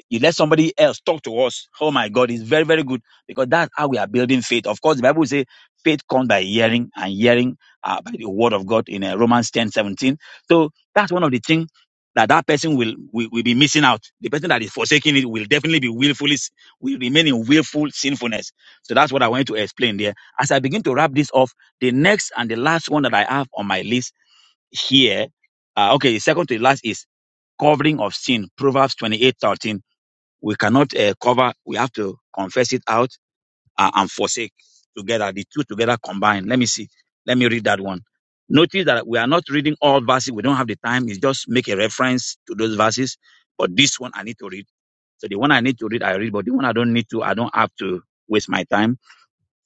You let somebody else talk to us. Oh my God, it's very, very good because that's how we are building faith. Of course, the Bible says faith comes by hearing and hearing uh, by the word of God in uh, Romans ten seventeen. So that's one of the things that that person will, will, will be missing out. The person that is forsaking it will definitely be willfully, will remain in willful sinfulness. So that's what I wanted to explain there. As I begin to wrap this off, the next and the last one that I have on my list here, uh, okay, the second to the last is covering of sin, Proverbs 28:13 we cannot uh, cover. We have to confess it out uh, and forsake together. The two together combined. Let me see. Let me read that one. Notice that we are not reading all verses. We don't have the time. It's just make a reference to those verses. But this one I need to read. So the one I need to read, I read. But the one I don't need to, I don't have to waste my time.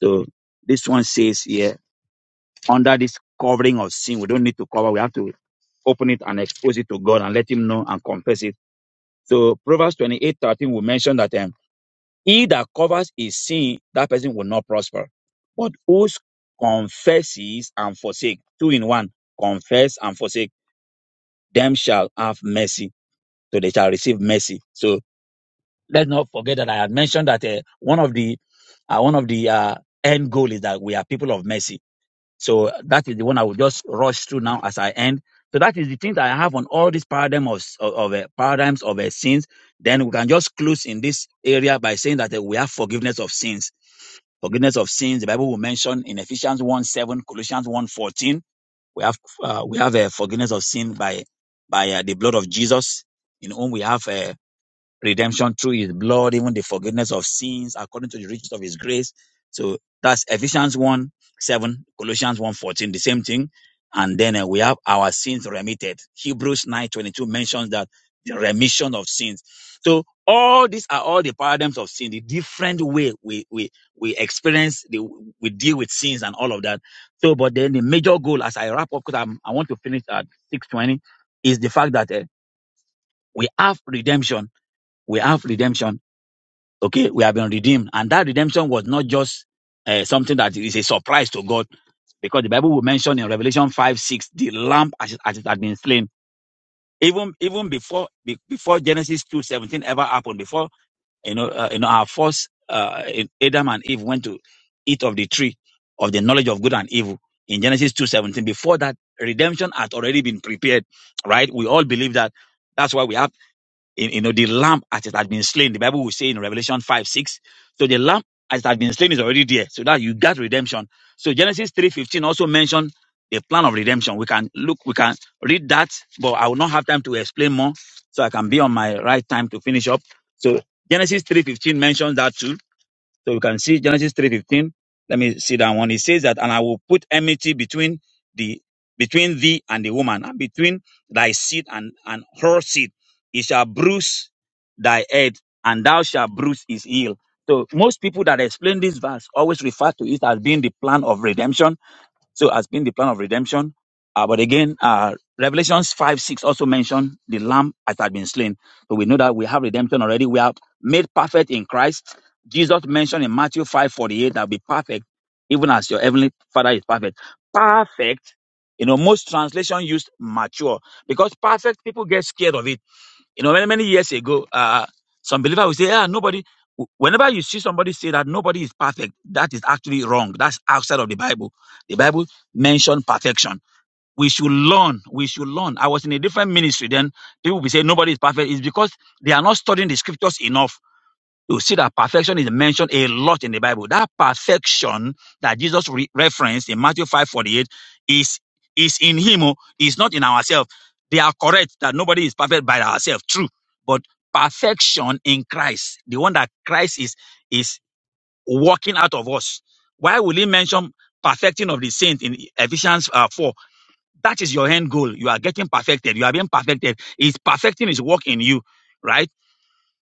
So this one says here under this covering of sin, we don't need to cover. We have to open it and expose it to God and let Him know and confess it. So Proverbs twenty-eight thirteen, we mentioned that. um, He that covers his sin, that person will not prosper. But who confesses and forsake, two in one, confess and forsake, them shall have mercy. So they shall receive mercy. So let's not forget that I had mentioned that uh, one of the uh, one of the uh, end goal is that we are people of mercy so that is the one I will just rush through now as I end. So that is the thing that I have on all these paradigm of, of, of, uh, paradigms of uh, sins. Then we can just close in this area by saying that uh, we have forgiveness of sins. Forgiveness of sins. The Bible will mention in Ephesians 1 7, Colossians one 14. We have uh, we have uh, forgiveness of sin by by uh, the blood of Jesus, in whom we have uh, redemption through his blood, even the forgiveness of sins according to the riches of his grace. So that's Ephesians 1 7, Colossians one 14, the same thing. And then uh, we have our sins remitted. Hebrews nine twenty two mentions that the remission of sins. So all these are all the paradigms of sin, the different way we, we, we experience, the, we deal with sins and all of that. So, but then the major goal as I wrap up, because I'm, I want to finish at 620, is the fact that uh, we have redemption. We have redemption Okay, we have been redeemed. And that redemption was not just uh, something that is a surprise to God, because the Bible will mention in Revelation 5 6, the lamb as it, as it had been slain. Even even before be- before Genesis two seventeen ever happened, before you know, uh, you know our first uh, Adam and Eve went to eat of the tree of the knowledge of good and evil in Genesis two seventeen. before that, redemption had already been prepared, right? We all believe that. That's why we have in, you know, the lamb as it had been slain. The Bible will say in Revelation 5, 6. So the lamb as it had been slain is already there. So that you got redemption. So Genesis 3.15 also mentioned the plan of redemption. We can look, we can read that, but I will not have time to explain more. So I can be on my right time to finish up. So Genesis 3.15 mentions that too so you can see Genesis 3:15. Let me see that one. It says that, and I will put enmity between the between thee and the woman, and between thy seed and, and her seed. It shall bruise thy head, and thou shalt bruise his heel. So most people that explain this verse always refer to it as being the plan of redemption so it has been the plan of redemption. Uh, but again, uh, Revelations 5 6 also mentioned the lamb that had been slain. So we know that we have redemption already. We are made perfect in Christ. Jesus mentioned in Matthew five forty eight that be perfect, even as your heavenly Father is perfect. Perfect, you know, most translation used mature because perfect people get scared of it you know, many, many years ago, uh, some believer will say, yeah, nobody, whenever you see somebody say that nobody is perfect, that is actually wrong. That's outside of the Bible. The Bible mentioned perfection. We should learn. We should learn. I was in a different ministry then. People will be saying nobody is perfect. It's because they are not studying the scriptures enough you see that perfection is mentioned a lot in the Bible. That perfection that Jesus re- referenced in Matthew 5 48 is, is in Him, oh, is not in ourselves. They are correct that nobody is perfect by ourselves. True. But perfection in Christ, the one that Christ is, is working out of us. Why will He mention perfecting of the saint in Ephesians uh, 4? That is your end goal. You are getting perfected. You are being perfected. He's perfecting His work in you, right?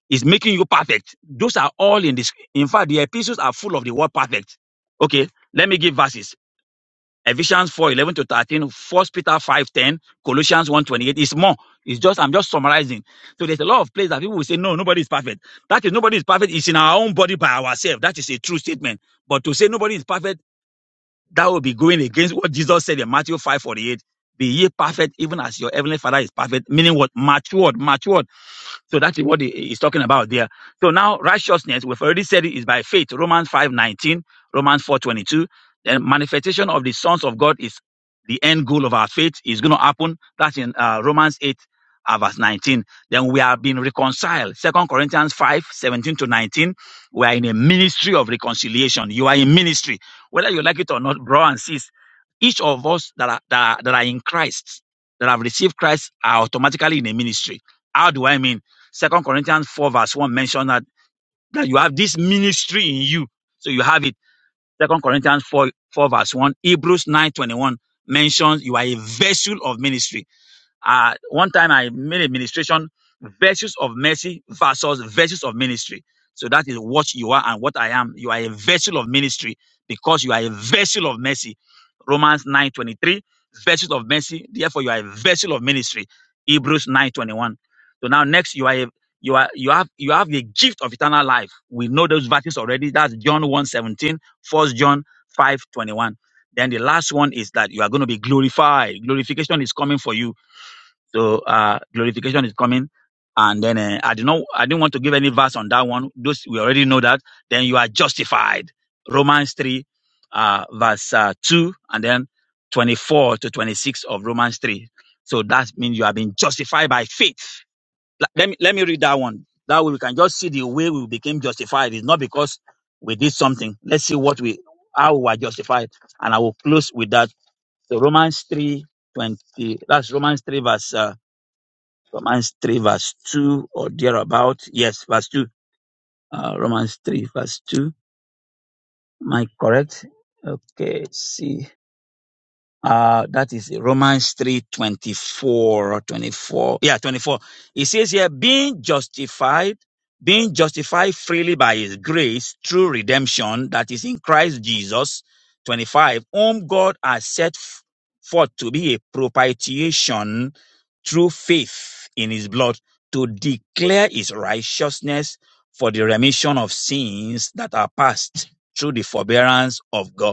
It's making you perfect. Those are all in this. In fact, the epistles are full of the word perfect. Okay, let me give verses. Ephesians 4:11 to 13, 1 Peter 5:10, Colossians 1, twenty-eight. It's more. It's just, I'm just summarizing. So there's a lot of places that people will say, no, nobody is perfect. That is, nobody is perfect. It's in our own body by ourselves. That is a true statement. But to say nobody is perfect that would be going against what Jesus said in Matthew 5 48. Be ye perfect, even as your heavenly father is perfect, meaning what? Matured, matured. So that is what he is talking about there. So now righteousness, we've already said it is by faith, Romans 5 19, Romans 4 22. Then manifestation of the sons of God is the end goal of our faith is going to happen. That's in uh, Romans 8 uh, verse 19. Then we are being reconciled. Second Corinthians 5 17 to 19. We are in a ministry of reconciliation. You are in ministry. Whether you like it or not, bro and sis, each of us that are, that are, that are in Christ, that have received Christ, are automatically in a ministry. How do I mean? Second Corinthians 4 verse 1 mentioned that, that you have this ministry in you. So you have it. Second Corinthians 4, 4 verse 1. Hebrews 9 21 mentions you are a vessel of ministry. Uh, one time I made a ministration, virtues of mercy versus virtues of ministry. So that is what you are and what I am. You are a vessel of ministry because you are a vessel of mercy. Romans 9:23, vessels of mercy. Therefore, you are a vessel of ministry. Hebrews 9:21. So now next, you are a you are you have you have the gift of eternal life. We know those verses already. That's John 1:17, 1 seventeen, First John 5:21. Then the last one is that you are going to be glorified. Glorification is coming for you so uh, glorification is coming. And then uh, I did not, I didn't want to give any verse on that one. Those we already know that. Then you are justified. Romans three, uh, verse uh, two, and then twenty-four to twenty-six of Romans three. So that means you have been justified by faith. L- Let me let me read that one. That way we can just see the way we became justified. It's not because we did something. Let's see what we how we were justified. And I will close with that. So Romans three twenty. That's Romans three verse. Uh, Romans 3, verse 2 or thereabout. Yes, verse 2. Uh, Romans 3, verse 2. Am I correct? Okay, see. Uh, that is Romans 3 twenty-four or 24. Yeah, 24. It says here, being justified, being justified freely by his grace through redemption that is in Christ Jesus. 25. Whom God has set f- forth to be a propitiation through faith in his blood to declare his righteousness for the remission of sins that are past through the forbearance of God.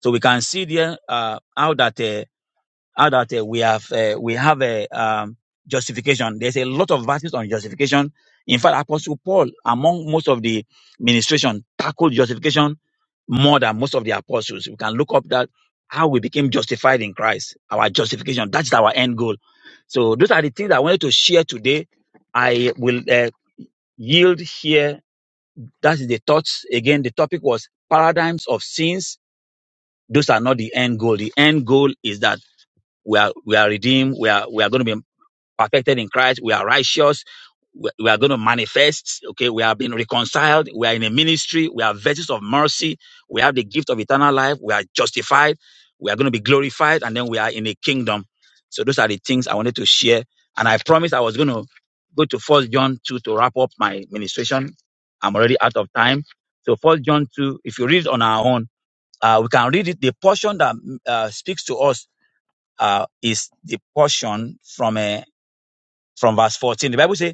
So we can see there uh, how that uh, how that uh, we have uh, we have a um, justification. There's a lot of verses on justification. In fact, Apostle Paul, among most of the ministration, tackled justification more than most of the apostles. We can look up that how we became justified in Christ, our justification. That's our end goal. So those are the things I wanted to share today. I will uh, yield here. That is the thoughts. Again, the topic was paradigms of sins those are not the end goal. The end goal is that we are we are redeemed. We are we are going to be perfected in Christ. We are righteous. We we are going to manifest. Okay, we are being reconciled. We are in a ministry. We are vessels of mercy. We have the gift of eternal life. We are justified. We are going to be glorified, and then we are in a kingdom. So those are the things I wanted to share. And I promised I was going to go to First John two to wrap up my ministration. I'm already out of time. So First John two, if you read on our own. Uh, we can read it. The portion that mm, uh, speaks to us uh, is the portion from uh, from verse 14. The Bible says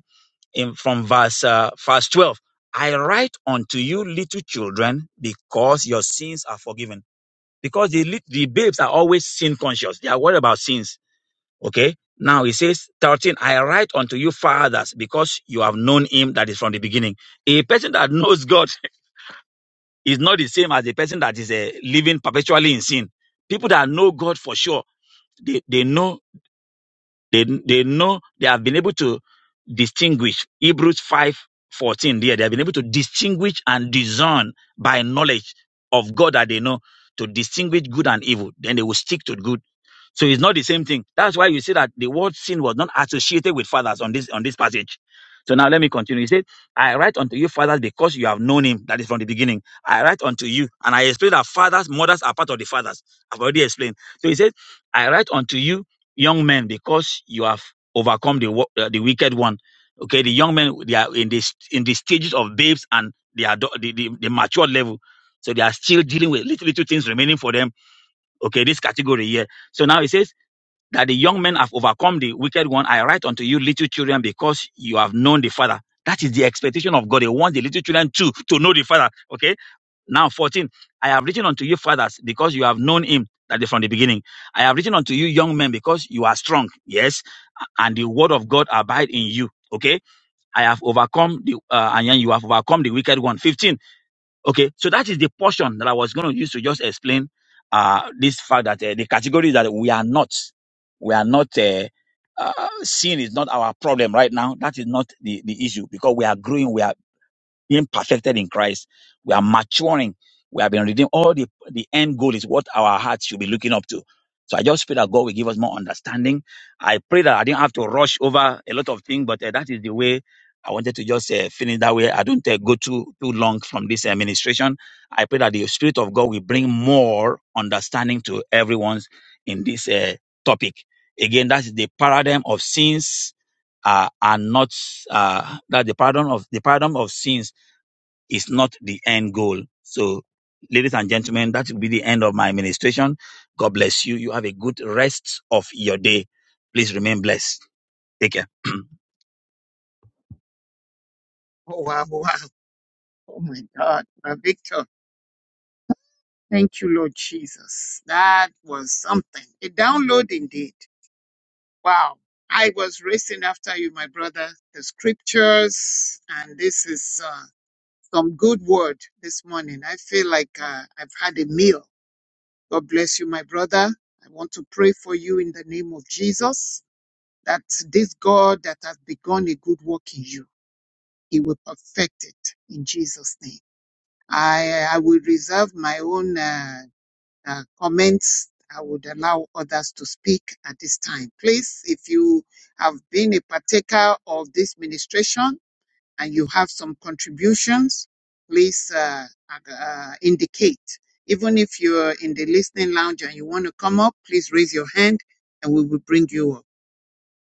in from verse uh, verse 12, I write unto you little children because your sins are forgiven. Because the lit- the babes are always sin conscious. They are worried about sins. Okay. Now he says 13, I write unto you fathers because you have known him that is from the beginning. A person that knows God is not the same as the person that is uh, living perpetually in sin. People that know God for sure, they, they know they, they know they have been able to distinguish Hebrews 5 14. there. They have been able to distinguish and discern by knowledge of God that they know to distinguish good and evil. Then they will stick to good so it's not the same thing. That's why you see that the word sin was not associated with fathers on this on this passage. So now let me continue. He said, I write unto you, fathers, because you have known him. That is from the beginning. I write unto you, and I explain that fathers, mothers are part of the fathers. I've already explained. So he said, I write unto you, young men, because you have overcome the wo- uh, the wicked one. Okay, the young men they are in this in the stages of babes and they are the, the, the mature level. So they are still dealing with little little things remaining for them. Okay, this category here. So now he says that the young men have overcome the wicked one. I write unto you, little children, because you have known the Father. That is the expectation of God. He wants the little children too to know the Father. Okay. Now, 14. I have written unto you, fathers, because you have known him that is from the beginning. I have written unto you, young men, because you are strong. Yes. And the word of God abide in you. Okay. I have overcome the, uh, and you have overcome the wicked one. 15. Okay, so that is the portion that I was going to use to just explain uh, this fact that uh, the category that we are not, we are not, uh, uh, sin is not our problem right now. That is not the, the issue because we are growing. We are being perfected in Christ. We are maturing. We have been redeemed. All the, the end goal is what our hearts should be looking up to. So I just pray that God will give us more understanding. I pray that I didn't have to rush over a lot of things, but uh, that is the way I wanted to just uh, finish that way. I don't uh, go too too long from this administration. I pray that the Spirit of God will bring more understanding to everyone's in this uh, topic. Again, that's the paradigm of sins uh, are not uh, that the paradigm of the paradigm of sins is not the end goal. So, ladies and gentlemen, that will be the end of my administration. God bless you. You have a good rest of your day. Please remain blessed. Take care. Oh, wow, wow. Oh, my God. my Victor, thank you, Lord Jesus. That was something. A download indeed. Wow. I was racing after you, my brother. The scriptures, and this is. uh, some good word this morning. I feel like uh, I've had a meal. God bless you, my brother. I want to pray for you in the name of Jesus that this God that has begun a good work in you, he will perfect it in Jesus' name. I, I would my own uh, uh, I would ask to speak at this time. You have been a partaker of John, and you have please, uh, indicate. Even if you're in the listening lounge and you want to come up, please raise your hand and we will bring you up.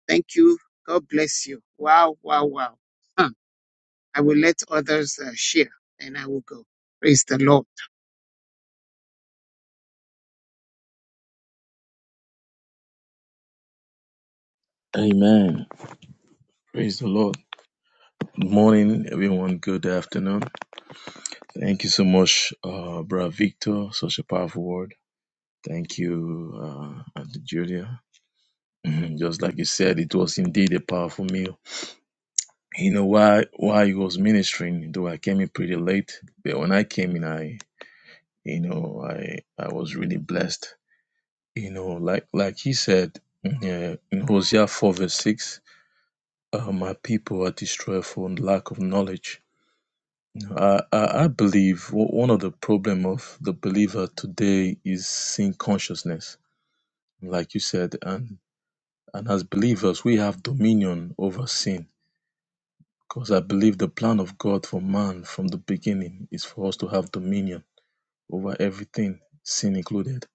Thank you. God bless you. Wow, wow, wow. Huh. I will let others uh, share and I will go. Praise the Lord. Amen. Praise the Lord. Good morning, everyone. Good afternoon. Thank you so much, uh, Brother Victor. Such a powerful word. Thank you, uh, Auntie Julia. Mhm. Just like you said, it was indeed a powerful meal. You know, why? while he was ministering, though I came in pretty late, but when I came in, I, you know, I, I was really blessed. You know, like, like he said, mm, yeah, in Hosea 4 verse 6, uh, my people are destroyed for lack of knowledge I, I I believe o- one of the problem of the believer today is sin consciousness, like you said, and and as believers we have dominion over sin because I believe the plan of God for man from the beginning is for us to have dominion over everything, sin included.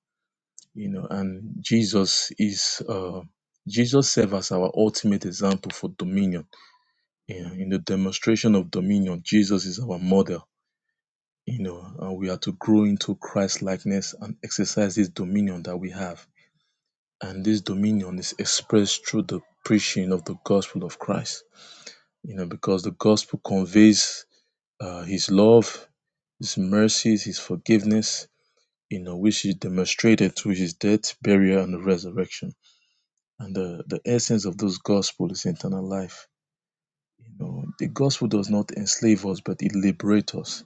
You know, and Jesus is uh, Jesus serves as our ultimate example for dominion. In, in the demonstration of dominion, Jesus is our model you know, and we are to grow into Christ likeness and exercise this dominion that we have. And this dominion is expressed through the preaching of the gospel of Christ, you know, because the gospel conveys uh, his love, his mercies, his forgiveness, you know, which is demonstrated through his death, burial, and resurrection. And the, the essence of this gospel is eternal life. You know, the gospel does not enslave us, but it liberates us.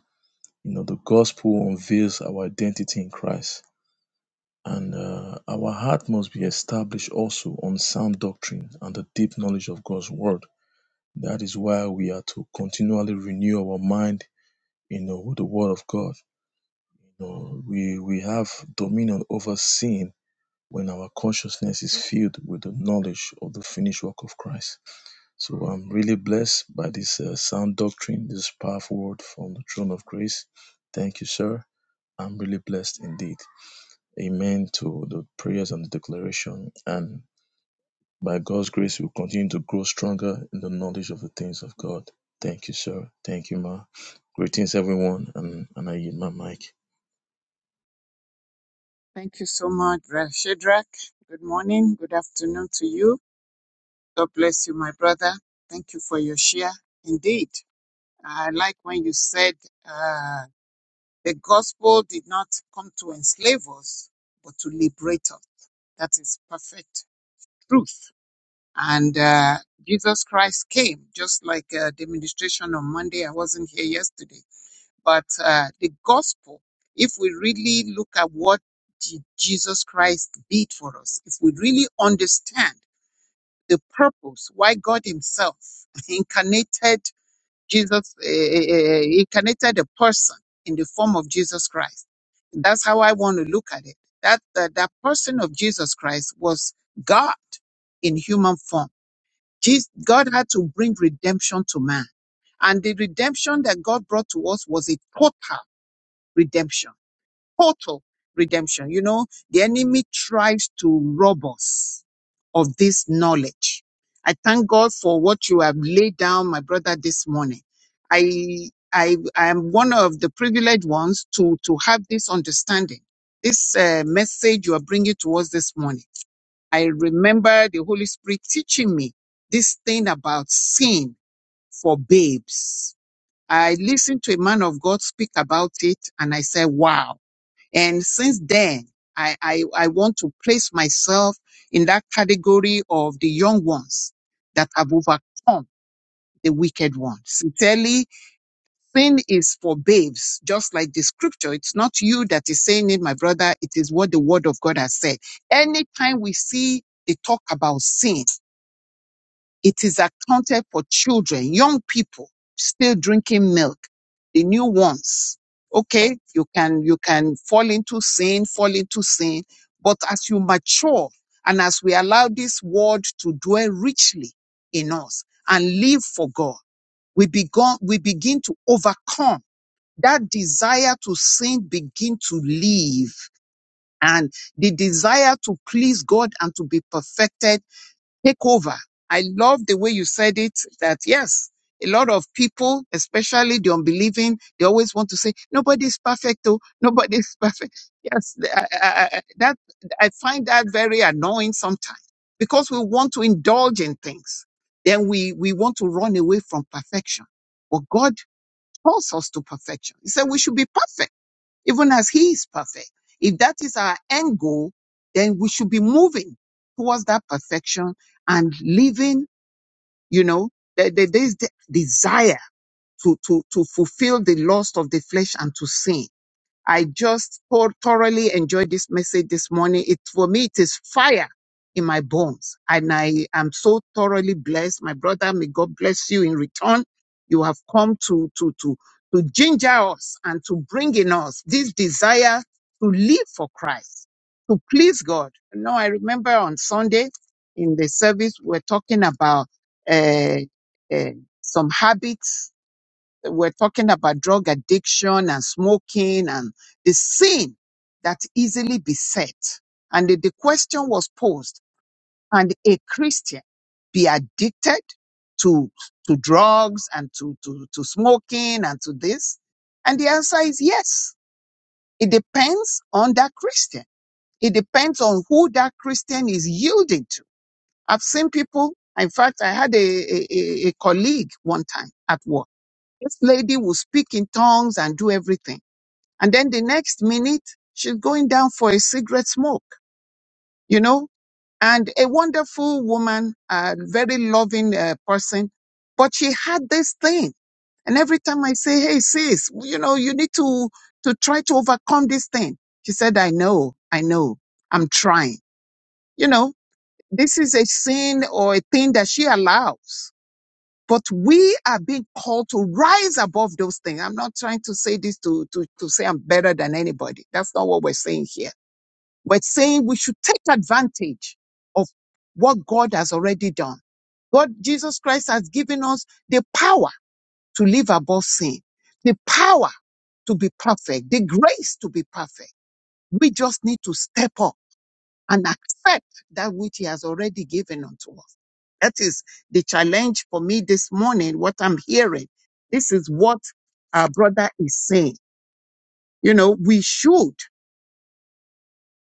You know, the gospel unveils our identity in Christ And uh, our heart must be established also on sound doctrine and the deep knowledge of God's word. That is why we are to continually renew our mind, you know, with the word of God. You know, we we have dominion over sin when our consciousness is filled with the knowledge of the finished work of Christ. So I'm really blessed by this uh, sound doctrine, this powerful word from the throne of grace. Thank you, sir. I'm really blessed indeed. Amen to the prayers and the declaration. And by God's grace, we'll continue to grow stronger in the knowledge of the things of God. Thank you, sir. Thank you, ma. Greetings, everyone. And, and I yield my mic. Thank you so much, Brother Shadrach. Good morning. Good afternoon to you. God bless you, my brother. Thank you for your share. Indeed, I like when you said uh, the gospel did not come to enslave us, but to liberate us. That is perfect truth. And uh, Jesus Christ came, just like uh, the ministration on Monday. I wasn't here yesterday But uh, the gospel, if we really look at what Je- Jesus Christ did for us, if we really understand the purpose why God Himself incarnated Jesus, uh, incarnated a person in the form of Jesus Christ, that's how I want to look at it. That, that that person of Jesus Christ was God in human form. Jesus, God had to bring redemption to man. And the redemption that God brought to us was a total redemption total redemption. You know, the enemy tries to rob us of this knowledge. I thank God for what you have laid down, my brother, this morning. I, I, I am one of the privileged ones to, to have this understanding. This uh, message you are bringing to us this morning. I remember the Holy Spirit teaching me this thing about sin for babes. I listened to a man of God speak about it and I said, wow and since then, I, I, I want to place myself in that category of the young ones that have overcome the wicked one. Sincerely, sin is for babes, just like the scripture. It's not you that is saying it, my brother. It is what the word of God has said. Anytime we see the talk about sin, it is accounted for children, young people still drinking milk, the new ones. Okay, you can you can fall into sin, fall into sin, but as you mature and as we allow this word to dwell richly in us and live for God, we begin we begin to overcome that desire to sin begin to live, and the desire to please God and to be perfected take over. I love the way you said it that yes, a lot of people, especially the unbelieving, they always want to say, nobody's perfect, oh, nobody's perfect. Yes, I, I, I- that, I find that very annoying sometimes because we want to indulge in things. Then we, we want to run away from perfection. But God calls us to perfection. He said we should be perfect even as He is perfect. If that is our end goal, then we should be moving towards that perfection and living, you know, there, there- there's the desire to, to, to fulfill the lust of the flesh and to sin I just thor- thoroughly enjoyed this message this morning. It for me, it is fire in my bones, and I am so thoroughly blessed. My brother, may God bless you in return. You have come to to to to ginger us and to bring in us this desire to live for Christ, to please God. You know, I remember on Sunday in the service we we're talking about uh, uh, some habits we're talking about drug addiction and smoking and the sin that easily beset. And the, the question was posed, can a Christian be addicted to, to drugs and to, to, to smoking and to this? And the answer is yes. It depends on that Christian. It depends on who that Christian is yielding to. I've seen people, in fact, I had a, a, a a colleague one time at work this lady will speak in tongues and do everything. And then the next minute, she's going down for a cigarette smoke, you know, and a wonderful woman, a very loving uh, person. But she had this thing. And every time I say, Hey, sis, you know, you need to, to try to overcome this thing. She said, I know, I know, I'm trying. You know, this is a sin or a thing that she allows. But we are being called to rise above those things. I'm not trying to say this to, to, to say I'm better than anybody. That's not what we're saying here. We're saying we should take advantage of what God has already done. God, Jesus Christ has given us the power to live above sin, the power to be perfect, the grace to be perfect. We just need to step up and accept that which He has already given unto us. That is the challenge for me this morning, what I'm hearing. This is what our brother is saying. You know, we should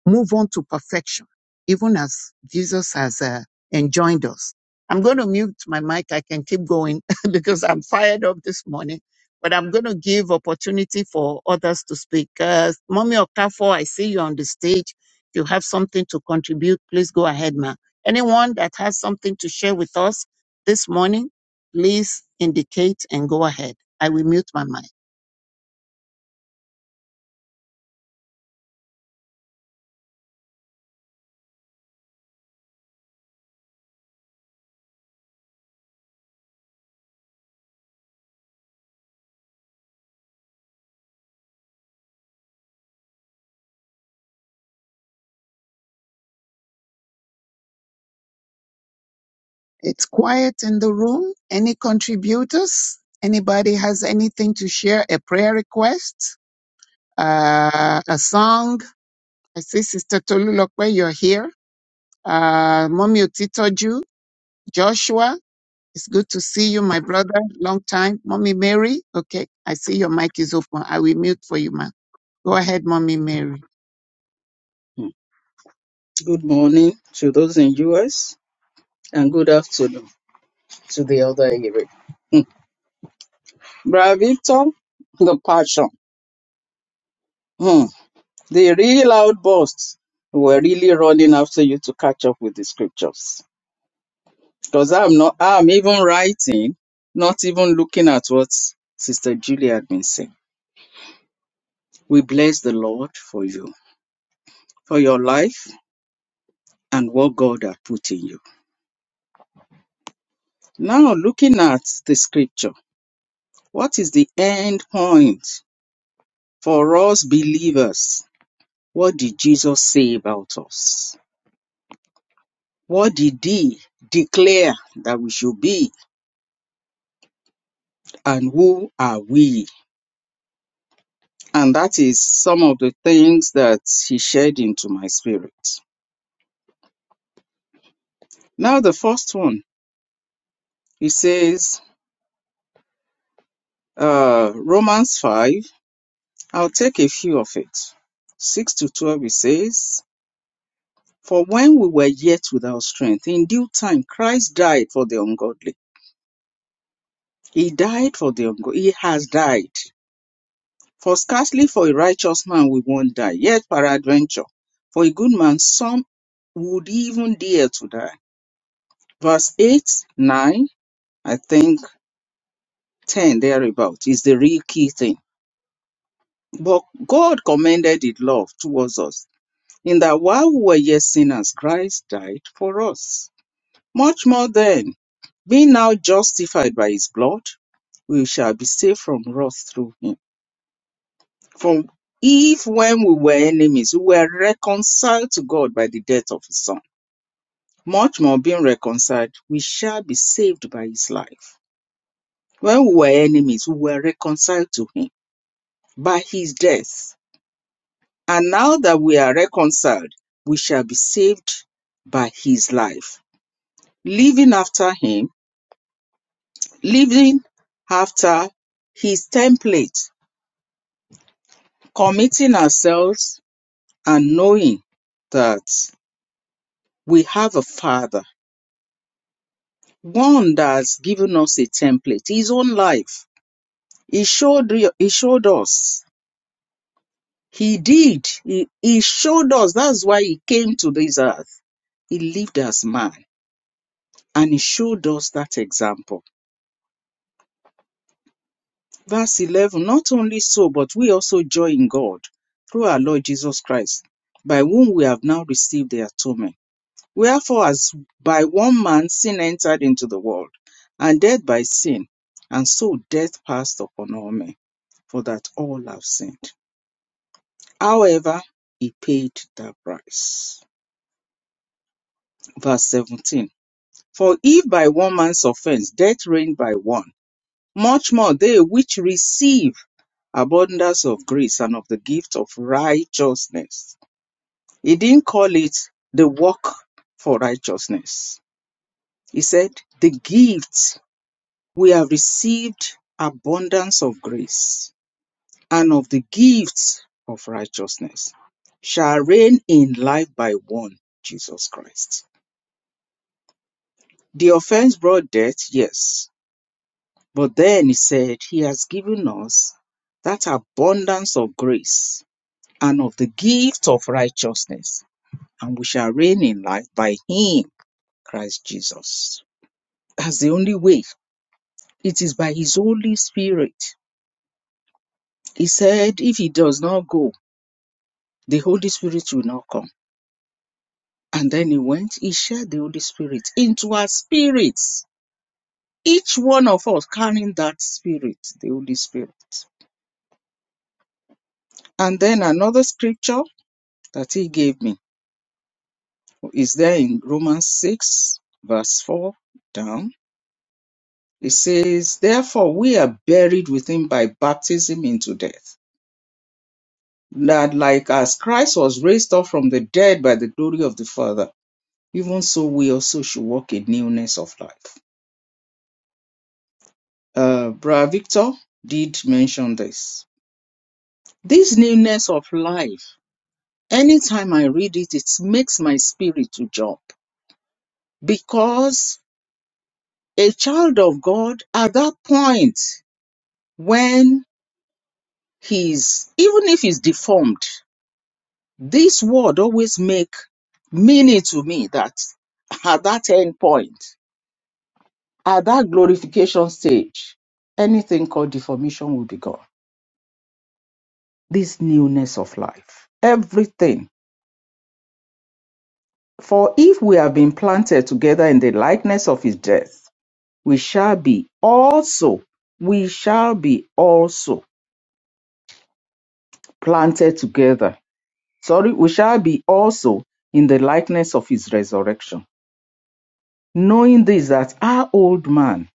move on to perfection, even as Jesus has uh, enjoined us. I'm going to mute my mic. I can keep going because I'm fired up this morning, but I'm going to give opportunity for others to speak. Uh, Mommy Okafor, I see you on the stage. If you have something to contribute, please go ahead, ma. Anyone that has something to share with us this morning, please indicate and go ahead. I will mute my mic. It's quiet in the room. Any contributors? Anybody has anything to share? A prayer request? Uh, a song? I see Sister Tolulokwe, you're here. Uh, Mommy Otitoju, Joshua, it's good to see you, my brother. Long time. Mommy Mary, okay. I see your mic is open. I will mute for you, ma. Go ahead, Mommy Mary. Hmm. Good morning to those in US and good afternoon to the other area. Bra Victor, the passion. Hmm. The real outbursts were really running after you to catch up with the scriptures. Because I'm not I'm even writing, not even looking at what Sister Julie had been saying. We bless the Lord for you, for your life and what God has put in you. Now looking at the scripture. What is the end point for us believers? What did Jesus say about us? What did he declare that we should be? And who are we? And that is some of the things that he shared into my spirit. Now, the first one, he says, uh, Romans 5, I'll take a few of it. 6 to 12, he says, For when we were yet without strength, in due time Christ died for the ungodly. He died for the ungo- he has died. For scarcely for a righteous man we won't die, yet peradventure, for a good man some would even dare to die. Verse 8, 9, I think 10 thereabout is the real key thing. But God commended his love towards us, in that while we were yet sinners, Christ died for us. Much more then, being now justified by his blood, we shall be saved from wrath through him. For if when we were enemies, we were reconciled to God by the death of his son, much more being reconciled, we shall be saved by his life. When we were enemies, we were reconciled to him by his death. And now that we are reconciled, we shall be saved by his life. Living after him, living after his template, committing ourselves and knowing that we have a father God has given us a template, His own life. He showed, he showed us. He did. He, he showed us. That's why He came to this earth. He lived as man and He showed us that example. Verse 11 Not only so, but we also joy in God through our Lord Jesus Christ, by whom we have now received the atonement. Wherefore, as by one man sin entered into the world, and death by sin, and so death passed upon all men for that all have sinned. However, he paid the price. Verse 17 For if by one man's offense death reigned by one, much more they which receive abundance of grace and of the gift of righteousness. He didn't call it the work for righteousness. He said, The gift we have received abundance of grace and of the gifts of righteousness shall reign in life by one, Jesus Christ. The offense brought death, yes, but then he said, He has given us that abundance of grace and of the gift of righteousness, and we shall reign in life by Him, Christ Jesus. That's the only way. It is by His Holy Spirit. He said, If He does not go, the Holy Spirit will not come And then he went, he shared the Holy Spirit into our spirits. Each one of us carrying that spirit, the Holy Spirit. And then another scripture that he gave me is there in Romans 6, verse 4 down. It says, Therefore we are buried with him by baptism into death. That like as Christ was raised up from the dead by the glory of the Father, even so we also should walk in newness of life. uh, Bra Victor did mention this. This newness of life, anytime I read it, it makes my spirit to jump because a child of God at that point when he's even if he's deformed, this word always make meaning to me that at that end point, at that glorification stage, anything called deformation will be gone. This newness of life, everything For if we have been planted together in the likeness of his death, we shall be also, we shall be also planted together. Sorry, we shall be also in the likeness of his resurrection. Knowing this, that our old man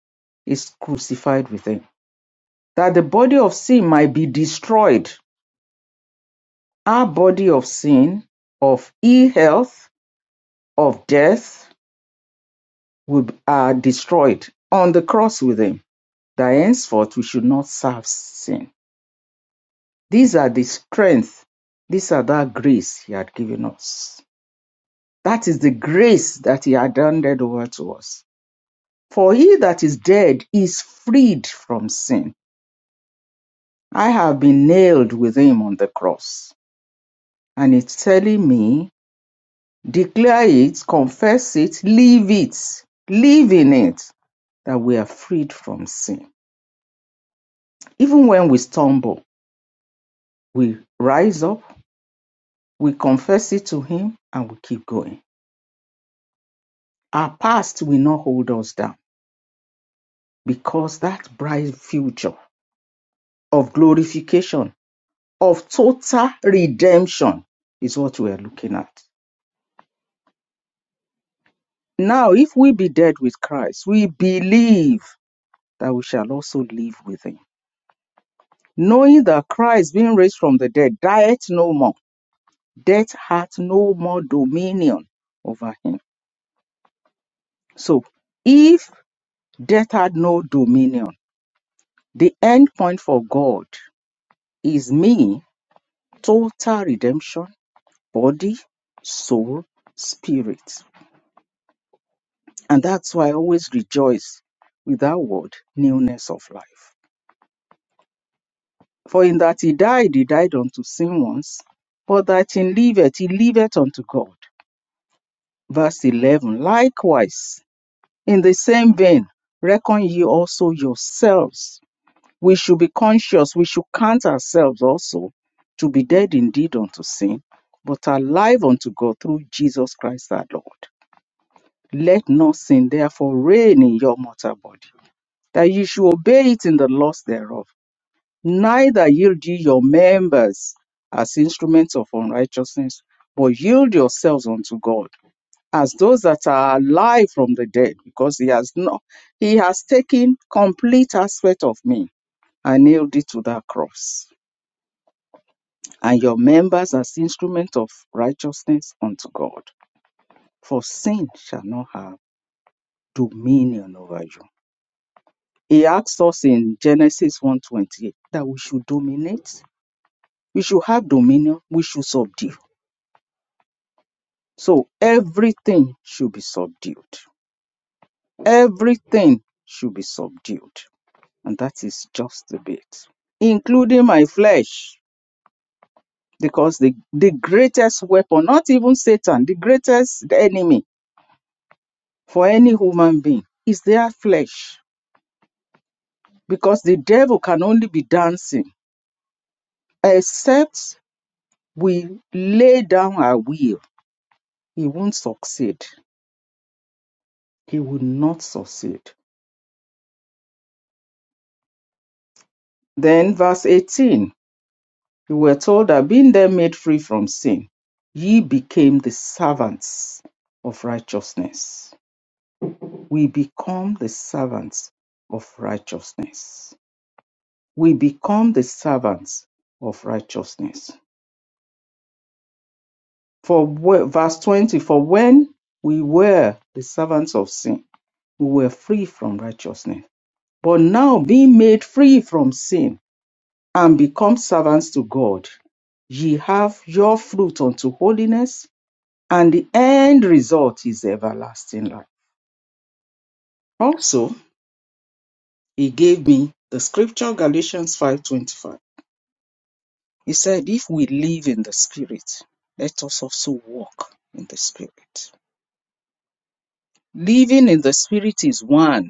is crucified with him, that the body of sin might be destroyed. Our body of sin, of ill health, of death, will, are destroyed on the cross with him that henceforth we should not serve sin. These are the strength. These are that grace he had given us. That is the grace that he had handed over to us. For he that is dead is freed from sin. I have been nailed with him on the cross. And it's telling me, declare it, confess it, live it, live in it, that we are freed from sin. Even when we stumble, we rise up We confess it to Him and we keep going. Our past will not hold us down because that bright future of glorification, of total redemption, is what we are looking at. Now, if we be dead with Christ, we believe that we shall also live with Him. Knowing that Christ, being raised from the dead, dieth no more, death hath no more dominion over Him. So, if death had no dominion, the end point for God is me total redemption, body, soul, spirit. And that's why I always rejoice with that word, newness of life. For in that he died, he died unto sin once, but that he liveth, he liveth unto God. Verse 11 Likewise, in the same vein, reckon ye also yourselves. we should be conscious. We should count ourselves also to be dead indeed unto sin, but alive unto God through Jesus Christ our Lord. Let not sin therefore reign in your mortal body, that you should obey it in the lust thereof. Neither yield ye your members as instruments of unrighteousness, but yield yourselves unto God as those that are alive from the dead, because he has not, he has taken complete aspect of me and nailed it to that cross. and your members as instruments of righteousness unto God. For sin shall not have dominion over you. He asks us in Genesis 1:28 that we should dominate, we should have dominion, we should subdue. So everything should be subdued. Everything should be subdued. And that is just a bit, including my flesh, because the, the greatest weapon, not even Satan, the greatest enemy for any human being is their flesh because the devil can only be dancing except we lay down our will he won't succeed he will not succeed then verse 18 we were told that being then made free from sin ye became the servants of righteousness we become the servants of righteousness we become the servants of righteousness For whe- verse 20, for when we were the servants of sin, we were free from righteousness. But now, being made free from sin and become servants to God, ye have your fruit unto holiness, and the end result is everlasting life. Also, he gave me the scripture Galatians 5:25. He said, If we live in the spirit, let us also walk in the spirit. Living in the spirit is one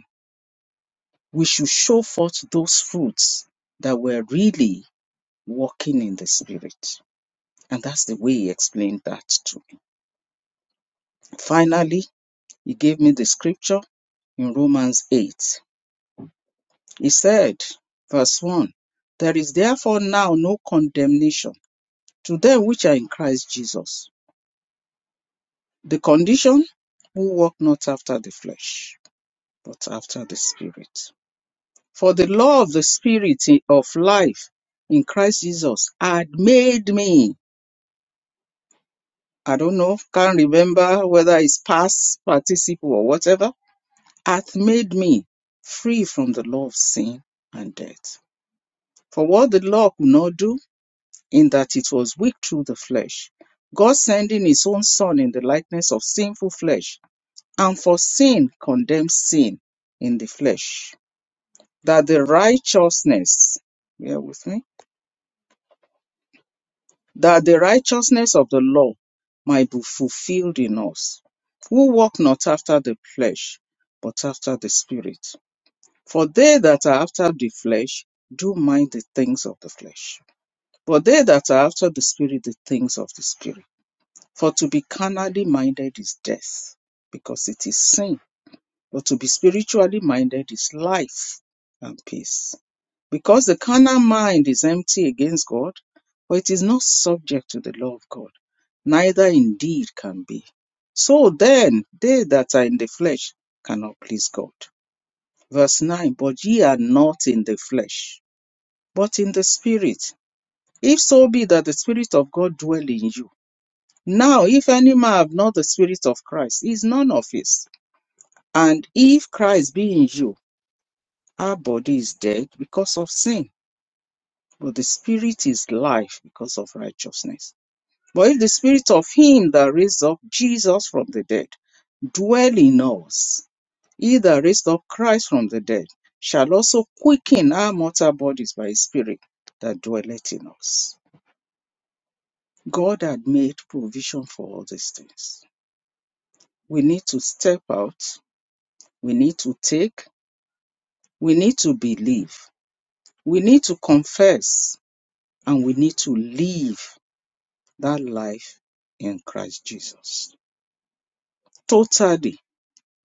we should show forth those fruits that we're really walking in the spirit. And that's the way he explained that to me. Finally, he gave me the scripture in Romans 8. He said, verse 1 There is therefore now no condemnation to them which are in Christ Jesus. The condition who walk not after the flesh, but after the spirit. For the law of the spirit of life in Christ Jesus had made me I don't know, can't remember whether it's past participle or whatever, hath made me free from the law of sin and death. For what the law could not do, in that it was weak through the flesh, God sending his own Son in the likeness of sinful flesh, and for sin condemned sin in the flesh, that the righteousness, bear with me, that the righteousness of the law might be fulfilled in us, who walk not after the flesh, but after the Spirit. For they that are after the flesh do mind the things of the flesh, but they that are after the Spirit, the things of the Spirit. For to be carnally minded is death, because it is sin but to be spiritually minded is life and peace. Because the carnal mind is empty against God, for it is not subject to the law of God, neither indeed can be. So then, they that are in the flesh cannot please God. Verse 9 But ye are not in the flesh, but in the Spirit. If so be that the Spirit of God dwell in you. Now, if any man have not the Spirit of Christ, he is none of his. And if Christ be in you, Our body is dead because of sin, but the spirit is life because of righteousness. But if the spirit of him that raised up Jesus from the dead dwell in us, he that raised up Christ from the dead shall also quicken our mortal bodies by his spirit that dwelleth in us. God had made provision for all these things. We need to step out, we need to take, we need to believe, we need to confess, and we need to live That life in Christ Jesus. Totally,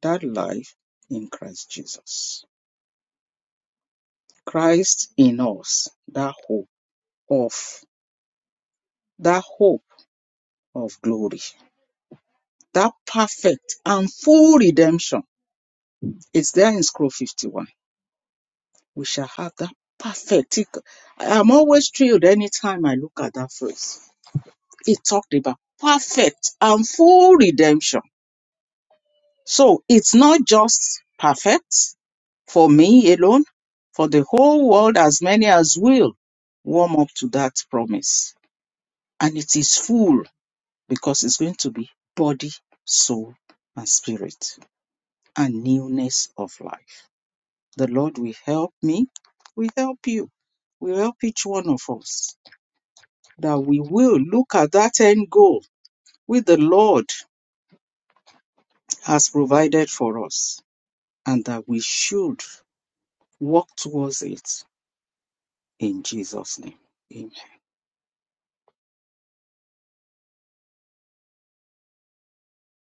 that life in Christ Jesus. Christ in us, that hope of, that hope of glory, that perfect and full redemption. It's there in Scroll 51. We shall have that perfect. It- I'm always thrilled anytime I look at that phrase. It talked about perfect and full redemption. So it's not just perfect for me alone, for the whole world, as many as will warm up to that promise. And it is full because it's going to be body, soul, and spirit and newness of life. The Lord will help me, will help you, will help each one of us that we will look at that end goal which the Lord has provided for us and that we should walk towards it in Jesus' name. Amen.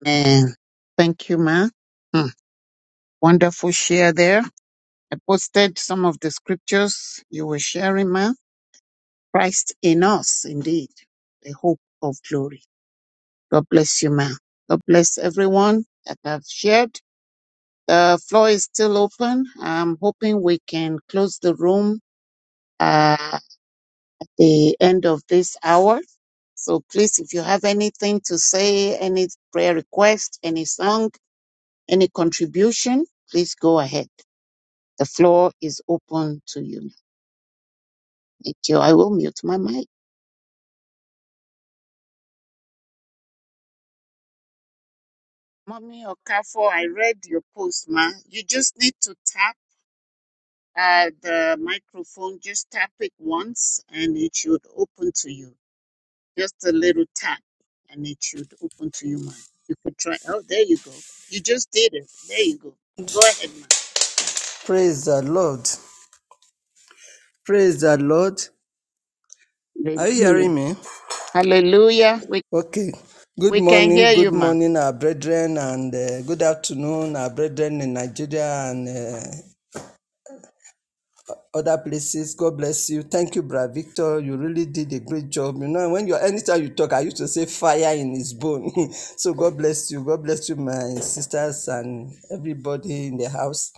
Man, thank you, ma. Hmm, Wonderful share there. I posted some of the scriptures you were sharing, ma. Christ in us, indeed, the hope of glory. God bless you, ma'am. God bless everyone that have shared. The floor is still open. I'm hoping we can close the room uh, at the end of this hour. So please, if you have anything to say, any prayer request, any song, any contribution, please go ahead. The floor is open to you. Thank you. I will mute my mic. Mommy Okafor, I read your post, ma. You just need to tap uh, the microphone, just tap it once and it should open to you. Just a little tap and it should open to you, ma. You could try. Oh, there you go. You just did it. There you go. Go ahead, ma. Praise the Lord. Praise the Lord. Are you Hallelujah. hearing me? Hallelujah. We, Okay. Good we can hear morning, you, good ma. morning, our brethren, and uh, good afternoon, our brethren in Nigeria and uh, other places. God bless you. Thank you, Brad Victor. You really did a great job. You know, when you're anytime you talk, I used to say fire in his bone. so God bless you. God bless you, my sisters and everybody in the house.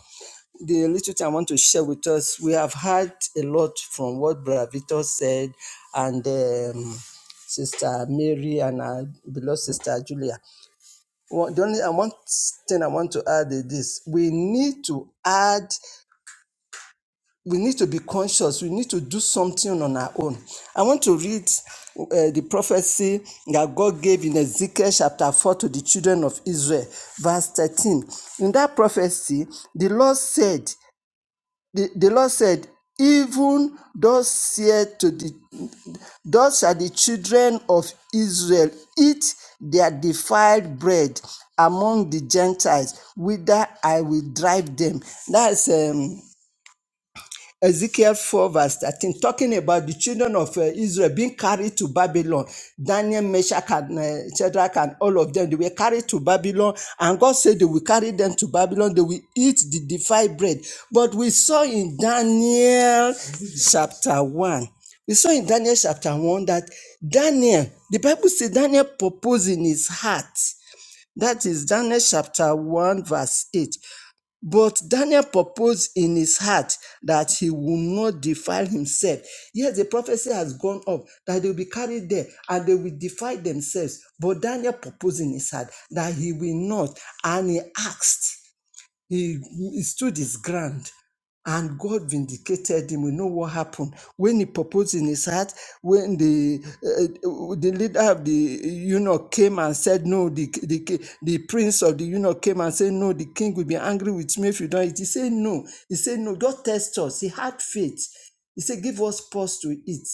the little thing I want to share with us, we have heard a lot from what Brother Victor said and um, Sister Mary and our beloved Sister Julia. One- The only I want thing I want to add is this: we need to add, we need to be conscious. We need to do something on our own. I want to read uh, the prophecy that God gave in Ezekiel chapter four to the children of Israel, verse thirteen. In that prophecy, the Lord said the, the Lord said, even thus said to the thus shall the children of Israel eat their defiled bread among the Gentiles, whither I will drive them. That's um. Ezekiel 4, verse 13, talking about the children of uh, Israel being carried to Babylon. Daniel, Meshach, and uh, Shadrach, and all of them, they were carried to Babylon. And God said they will carry them to Babylon. They will eat the defiled bread. But we saw in Daniel chapter 1, we saw in Daniel chapter 1 that Daniel, the Bible says Daniel proposed in his heart. That is Daniel chapter 1, verse 8. But Daniel proposed in his heart that he will not defile himself. Yes, the prophecy has gone up that they will be carried there and they will defile themselves. But Daniel proposed in his heart that he will not, and he asked. He, he stood his ground and God vindicated him. We know what happened when he proposed in his heart. When the uh, the leader of the eunuch came and said, "No," the, the ki- the prince of the eunuch came and said, "No, the king will be angry with me if you don't eat." He said, "No." He said, "No." Just test us. He had faith. He said, "Give us pause to eat."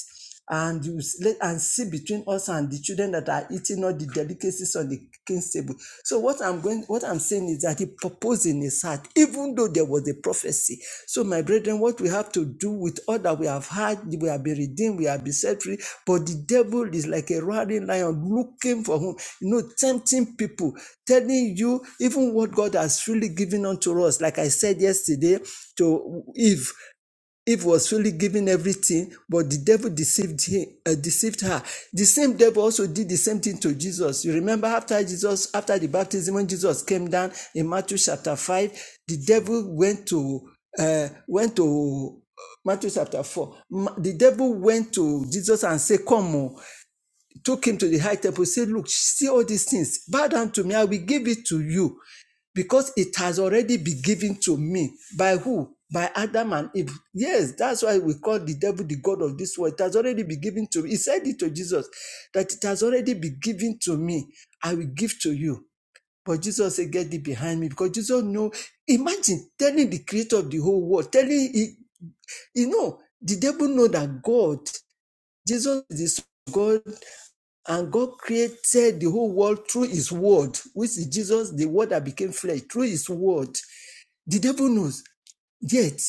and you let and see between us and the children that are eating all the delicacies on the king's table. So what I'm going, what I'm saying is that he proposed in his heart, even though there was a prophecy. So my brethren, what we have to do with all that we have had, we have been redeemed, we have been set free. But the devil is like a roaring lion looking for whom, you know, tempting people, telling you even what God has freely given unto us. Like I said yesterday to Eve, Eve was really given everything, but the devil deceived him, uh, deceived her. The same devil also did the same thing to Jesus. You remember after Jesus, after the baptism, when Jesus came down in Matthew chapter five, the devil went to uh, went to Matthew chapter four. The devil went to Jesus and said, "Come, oh." took him to the high temple, said, Look, see all these things. Bow down to me, I will give it to you. Because it has already been given to me. By who? By Adam and Eve. Yes, that's why we call the devil the God of this world. It has already been given to me. He said it to Jesus that it has already been given to me. I will give to you. But Jesus said, Get it behind me. Because Jesus know. Imagine telling the creator of the whole world, telling, he- you know, the devil know that God, Jesus is God and God created the whole world through his word, which is Jesus, the word that became flesh, through his word. The devil knows, yet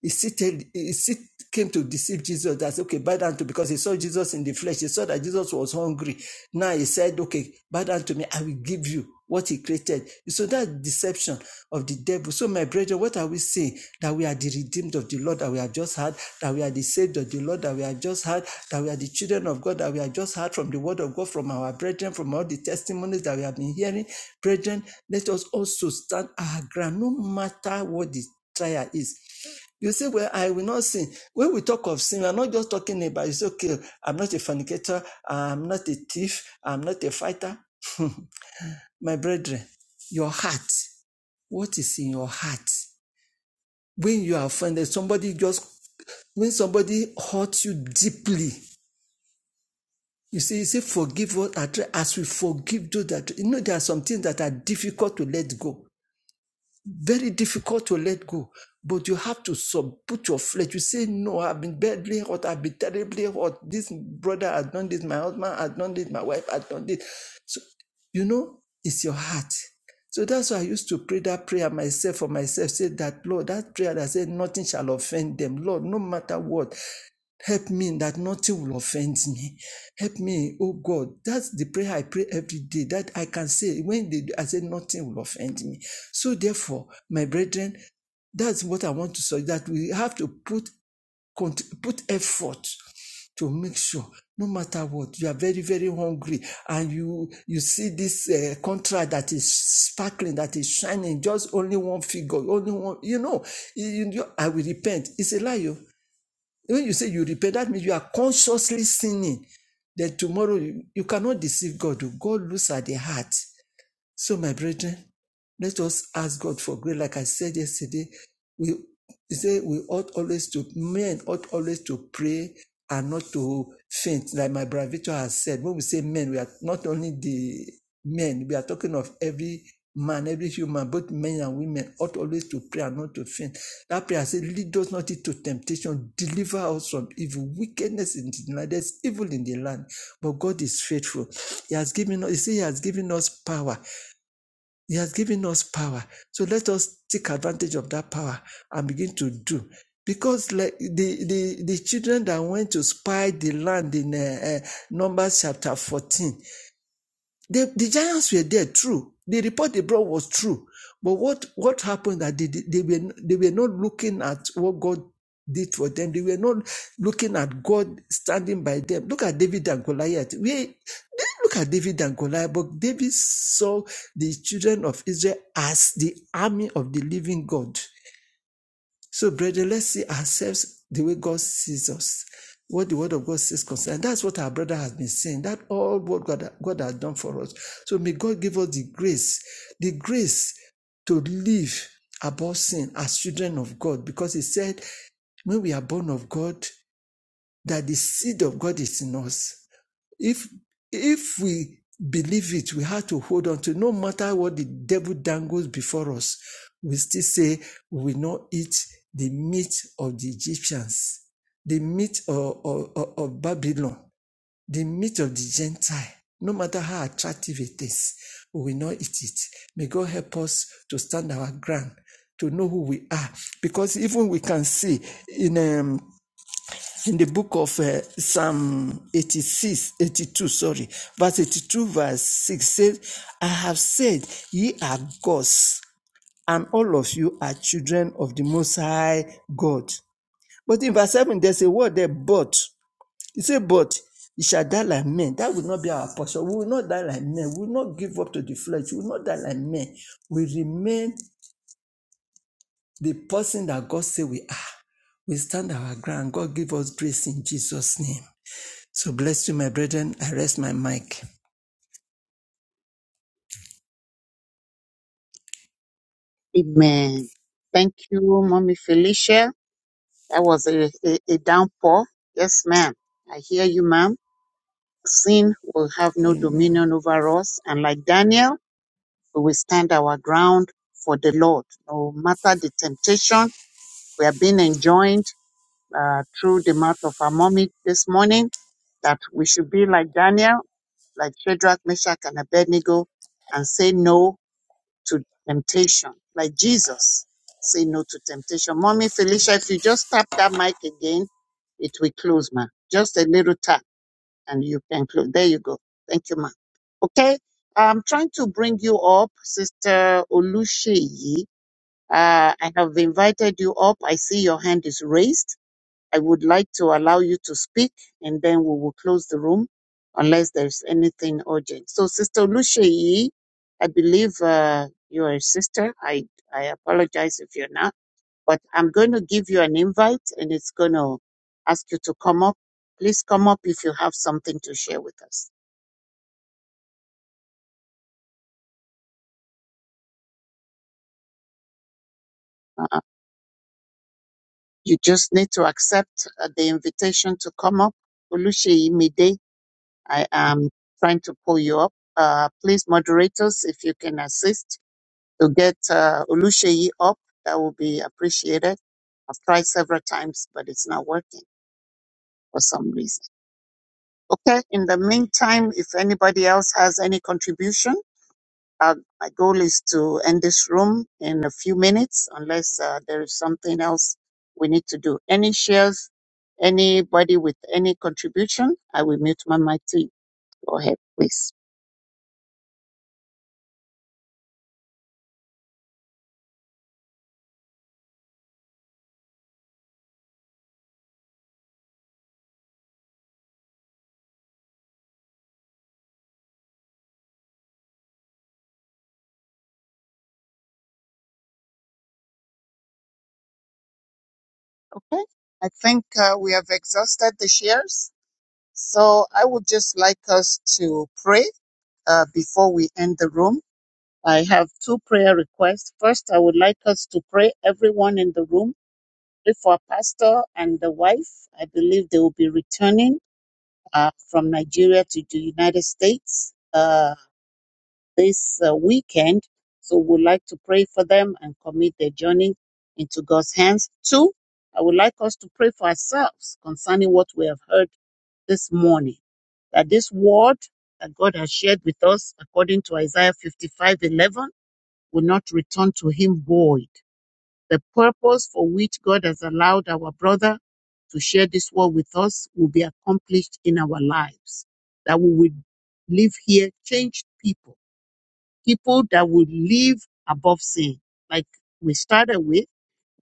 he seated, he sit, came to deceive Jesus. That's okay, bow down to because he saw Jesus in the flesh. He saw that Jesus was hungry. Now he said, Okay, bow down to me, I will give you what he created. So that's deception of the devil. So, my brethren, what are we saying? That we are the redeemed of the Lord that we have just heard, that we are the saved of the Lord that we have just heard, that we are the children of God that we have just heard from the word of God, from our brethren, from all the testimonies that we have been hearing. Brethren, let us also stand our ground, no matter what the trial is. You say, Well, I will not sin. When we talk of sin, we're not just talking about it's okay, I'm not a fornicator, I'm not a thief, I'm not a fighter. My brethren, your heart, what is in your heart? When you are offended, somebody just when somebody hurts you deeply, you see, you say, forgive what I try as we forgive those that. You know, there are some things that are difficult to let go very difficult to let go. But you have to sub put your flesh. You say, No, I've been badly hurt, I've been terribly hurt. This brother has done this, my husband has done this, my wife has done this. So you know, it's your heart. So that's why I used to pray that prayer myself for myself. Say that, Lord, that prayer that said, nothing shall offend them. Lord, no matter what. Help me that nothing will offend me. Help me, oh God. That's the prayer I pray every day that I can say when they, I say nothing will offend me. So therefore, my brethren, that's what I want to say. That we have to put put effort to make sure, no matter what, you are very very hungry, and you you see this uh, contract that is sparkling, that is shining, just only one figure, only one. You know, you, you, I will repent. It's a lie. oh. When you say you repent, that means you are consciously sinning. Then tomorrow you, you cannot deceive God. oh. God looks at the heart. So, my brethren, let us ask God for grace. Like I said yesterday, we say we ought always to men ought always to pray and not to faint. Like my bravito has said, when we say men, we are not only the men, we are talking of every man, every human, both men and women ought always to pray and not to faint. That prayer says, lead us not into temptation, deliver us from evil, wickedness in the land. There's evil in the land, but God is faithful. He has given us, he said, He has given us power he has given us power. So let us take advantage of that power and begin to do. Because like the, the, the children that went to spy the land in uh, uh, Numbers chapter 14, the, the giants were there, true. The report they brought was true. But what, what happened that they, they, were, they were not looking at what God did for them. They were not looking at God standing by them. Look at David and Goliath. We, didn't look at David and Goliath, but David saw the children of Israel as the army of the living God. So, brethren, let's see ourselves the way God sees us, what the Word of God says concerning. That's what our brother has been saying. That all what God, God has done for us. So, may God give us the grace, the grace to live above sin as children of God, because He said, when we are born of God, that the seed of God is in us. If if we believe it, we have to hold on to no matter what the devil dangles before us, we still say we will not eat the meat of the Egyptians, the meat of, of, of Babylon, the meat of the Gentile, no matter how attractive it is, we will not eat it. May God help us to stand our ground, to know who we are. Because even we can see in um in the book of uh, Psalm 86, 82, sorry, verse 82, verse 6 says, I have said, ye are gods, and all of you are children of the Most High God. But in verse 7, there's a word there, but. He said, but you shall die like men. That will not be our portion. We will not die like men. We will not give up to the flesh. We will not die like men. We remain the person that God said we are. We stand our ground. God give us grace in Jesus' name. So bless you, my brethren. I rest my mic. Amen. Thank you, Mommy Felicia. That was a, a, a downpour. Yes, ma'am. I hear you, ma'am. Sin will have no Amen. dominion over us, and like Daniel, we will stand our ground for the Lord. No matter the temptation, we are being enjoined uh, through the mouth of our mommy this morning that we should be like Daniel, like Shadrach, Meshach, and Abednego, and say no to temptation, like Jesus. Say no to temptation. Mommy Felicia, if you just tap that mic again, it will close, ma. Just a little tap and you can close. There you go. Thank you, ma'am. Okay, I'm trying to bring you up, Sister Olusheyi. Uh, I have invited you up. I see your hand is raised. I would like to allow you to speak, and then we will close the room unless there's anything urgent. So, Sister Olusheyi, I believe uh, you are a sister. I I apologize if you're not but I'm going to give you an invite and it's going to ask you to come up. Please come up if you have something to share with us. Uh, you just need to accept uh, the invitation to come up. Oluseyi Mide, I am trying to pull you up. Uh, please, moderators, if you can assist to get uh, Oluseyi up, that will be appreciated. I've tried several times, but it's not working for some reason. Okay, in the meantime, if anybody else has any contribution, Uh, my goal is to end this room in a few minutes, unless uh, there is something else we need to do. Any shares, anybody with any contribution, I will mute my mic to Go ahead, please. Okay. I think uh, we have exhausted the shares. So I would just like us to pray uh, before we end the room. I have two prayer requests. First, I would like us to pray, everyone in the room, pray for our pastor and the wife. I believe they will be returning uh, from Nigeria to the United States uh, this uh, weekend. So we'd like to pray for them and commit their journey into God's hands. Two, I would like us to pray for ourselves concerning what we have heard this morning. That this word that God has shared with us, according to Isaiah 55:11, will not return to him void the purpose for which God has allowed our brother to share this word with us will be accomplished in our lives. That we will live here changed people, people that will live above sin. Like we started with,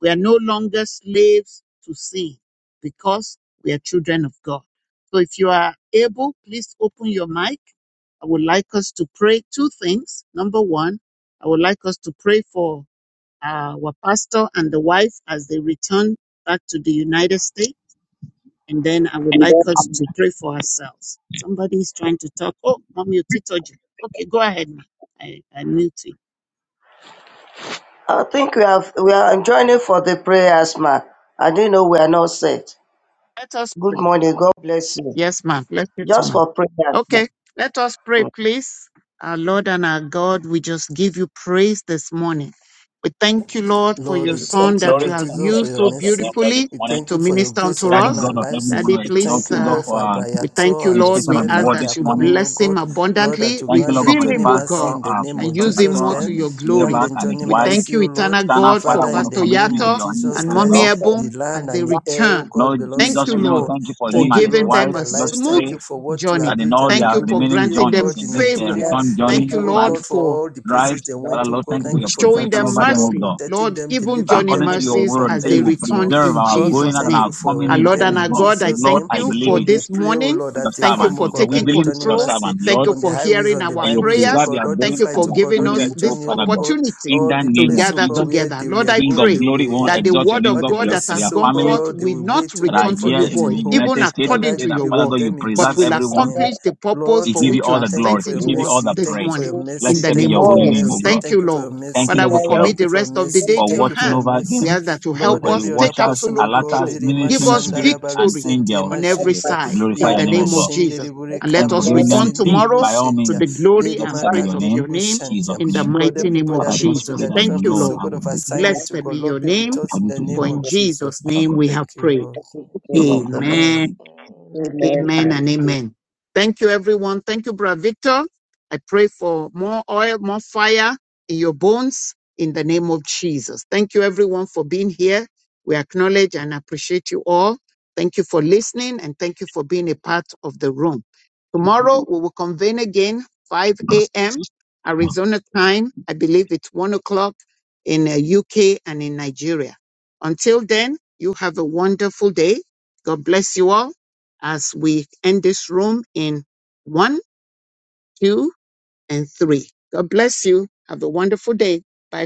we are no longer slaves to sin because we are children of God. So if you are able, please open your mic. I would like us to pray two things. Number one, I would like us to pray for uh, our pastor and the wife as they return back to the United States. And then I would And like then us to pray for ourselves. Somebody is trying to talk. Oh, mom, you teetotal. Okay, go ahead, ma'am. I, I mute you. i I think we have we are joining for the prayers, ma. I didn't know we are not set. Let us Good pray. morning. God bless you. Yes, ma'am. Let's pray to Just ma'am. for prayers, ma. Okay, let us pray, please. Our Lord and our God, we just give you praise this morning. We thank you, Lord, for Lord, your we son thank you, that you Lord glory have and Jesus, for used your so exalt your name, mercy. this beautifully We morning. thank you to for your minister grace unto Daddy upon us. our God of heaven, we lives. Daddy, want to We exalt please. thank you, you, Uh, God, God, for for our We thank Abrayato you, and Lord. his administration We of the wife ask as word they this that are you coming, morning. O bless him God. Lord, that abundantly, you Thank you, grant Lord, God, them for refill the journey him, O pastor, mercy God, in the uh, name and of pastor, use him Jesus pastor more to your Christ. Grant glory. them and his journey We wife. thank mercy, you, O Lord. eternal Eternal God, for Father, Father, we want to in Pastor the commit him name into of Yato your hands, Jesus and testimony oh Mommy Christ, Name God. the Ebon as land they and the air, O return. God, Lord belongs Thank to Jesus, you, we you, want Lord. to Lord, thank you for for him Thank you, and his giving Lord, for wife. them their a Just lives. smooth Thank pray you for what you journey. that have in used all them to Thank their you do for remaining greatly, oh granting them journeys, God, in in this uh, favor. Nigeria. return and Thank journey, Thank you, you, oh praise Lord, flight, God, for for all the drive, places they went, Father, oh Lord, God. thank you for Thank you your for showing protection them victories, oh over them, God, oh mercy. God. protecting Lord, them, even delivering journey According them, to oh your God, mercies word, from you as say they you will every foe. return preserve in our Lord, we going Jesus' out and thank name. our you to coming Our for what in, Lord them oh and you have our in God. done God, I Jesus' Lord, thank again. name. I you believe for Lord, it we this pray, oh morning. Lord, for your as they Thank you come, servant, oh for oh God. God, We grant taking their believe it journey for your control. mercy servant, Thank Lord, you on the for highways, hearing on the that our you will byways, oh preserve prayers. God, their It all the Thank going you flights, for and oh their God, giving all coming their us in, oh this journey, Father oh God. God, opportunity In all the shall the be to name of place, known, oh gather God, Jesus, where it together. they shall Lord, will I be King go, known of they pray to me. glory, we want It to shall will that the be known exalt of your word name, all of God, the for God your that for God. places, has their oh gone family It forth shall God, be they will known will in my name. wait, not oh It shall be God, return Right to before here you in getting the void, home. even United States, known we according Father, pray to that your be Father God, with word, by you them in but preserve will my Jesus' everyone. name. accomplish the Lord, purpose Lord, We for give you I which thank you all you. have the Thank Elijah you glory. sent for look it We your give to you upon all us them the mercy. this Thank you for praise. morning your and will come in mercy. Blessed the back. be Thank name you your of I'll for your holy give name, Jesus. O mercy. God. Thank Thank you, you testimony to for Lord. your the good Thank you, mercy. Father, Lord we God, for your glory commit Thank of you the for your rest God. of the mercy. day for to Thank your We you for watching thank your hands. you, over We Father mercy. them. ask God. that you We Thank you Lord, help for glory the every us to you, other take watchers, Father person, absolute oh God. God, alerters, control. We Irima Give ministering us glorify Shandara spirits, you, Baru and Father victory God. We Sente angels. Ma give on you every Shentia, praise to side and glorify in your the name, Irima O name adoration. of God. Jesus. Shendere Bure And Thank Thank let you you, for us Kaburi giving mighty return them God. peace Sendere Bu tomorrow We by all bless to Shentia, means. the your name. glory and Blessed Lerima be praise your of Kandere your name, Bu We give you name Jesus' Shentia. praise in the and name. honor Lord, and mighty name everybody of But as I they go just to Jesus. pray their that adoration. Thank different you, places, Lord, oh Lord. I God, You will of are live all up. that assignment you to Blessed God, be done Lord, your for be us. We I with name, will bless us in continue the to for you, name live in up. of Lord. Jesus' Father Jesus. name God, we have Thank you, prayed. Lord. In take care of of the Jesus' Lord. Amen. Amen. name, Amen. amen. Amen and and amen. Thank you, everyone. Thank you, Brother Victor. I pray for more oil, more fire in your bones in the name of Jesus. Thank you, everyone, for being here. We acknowledge and appreciate you all. Thank you for listening and thank you for being a part of the room. Tomorrow we will convene again, 5 a.m. Arizona time. I believe it's 1 o'clock in the UK and in Nigeria. Until then, you have a wonderful day. God bless you all as we end this room in one, two, and three. God bless you. Have a wonderful day. Bye.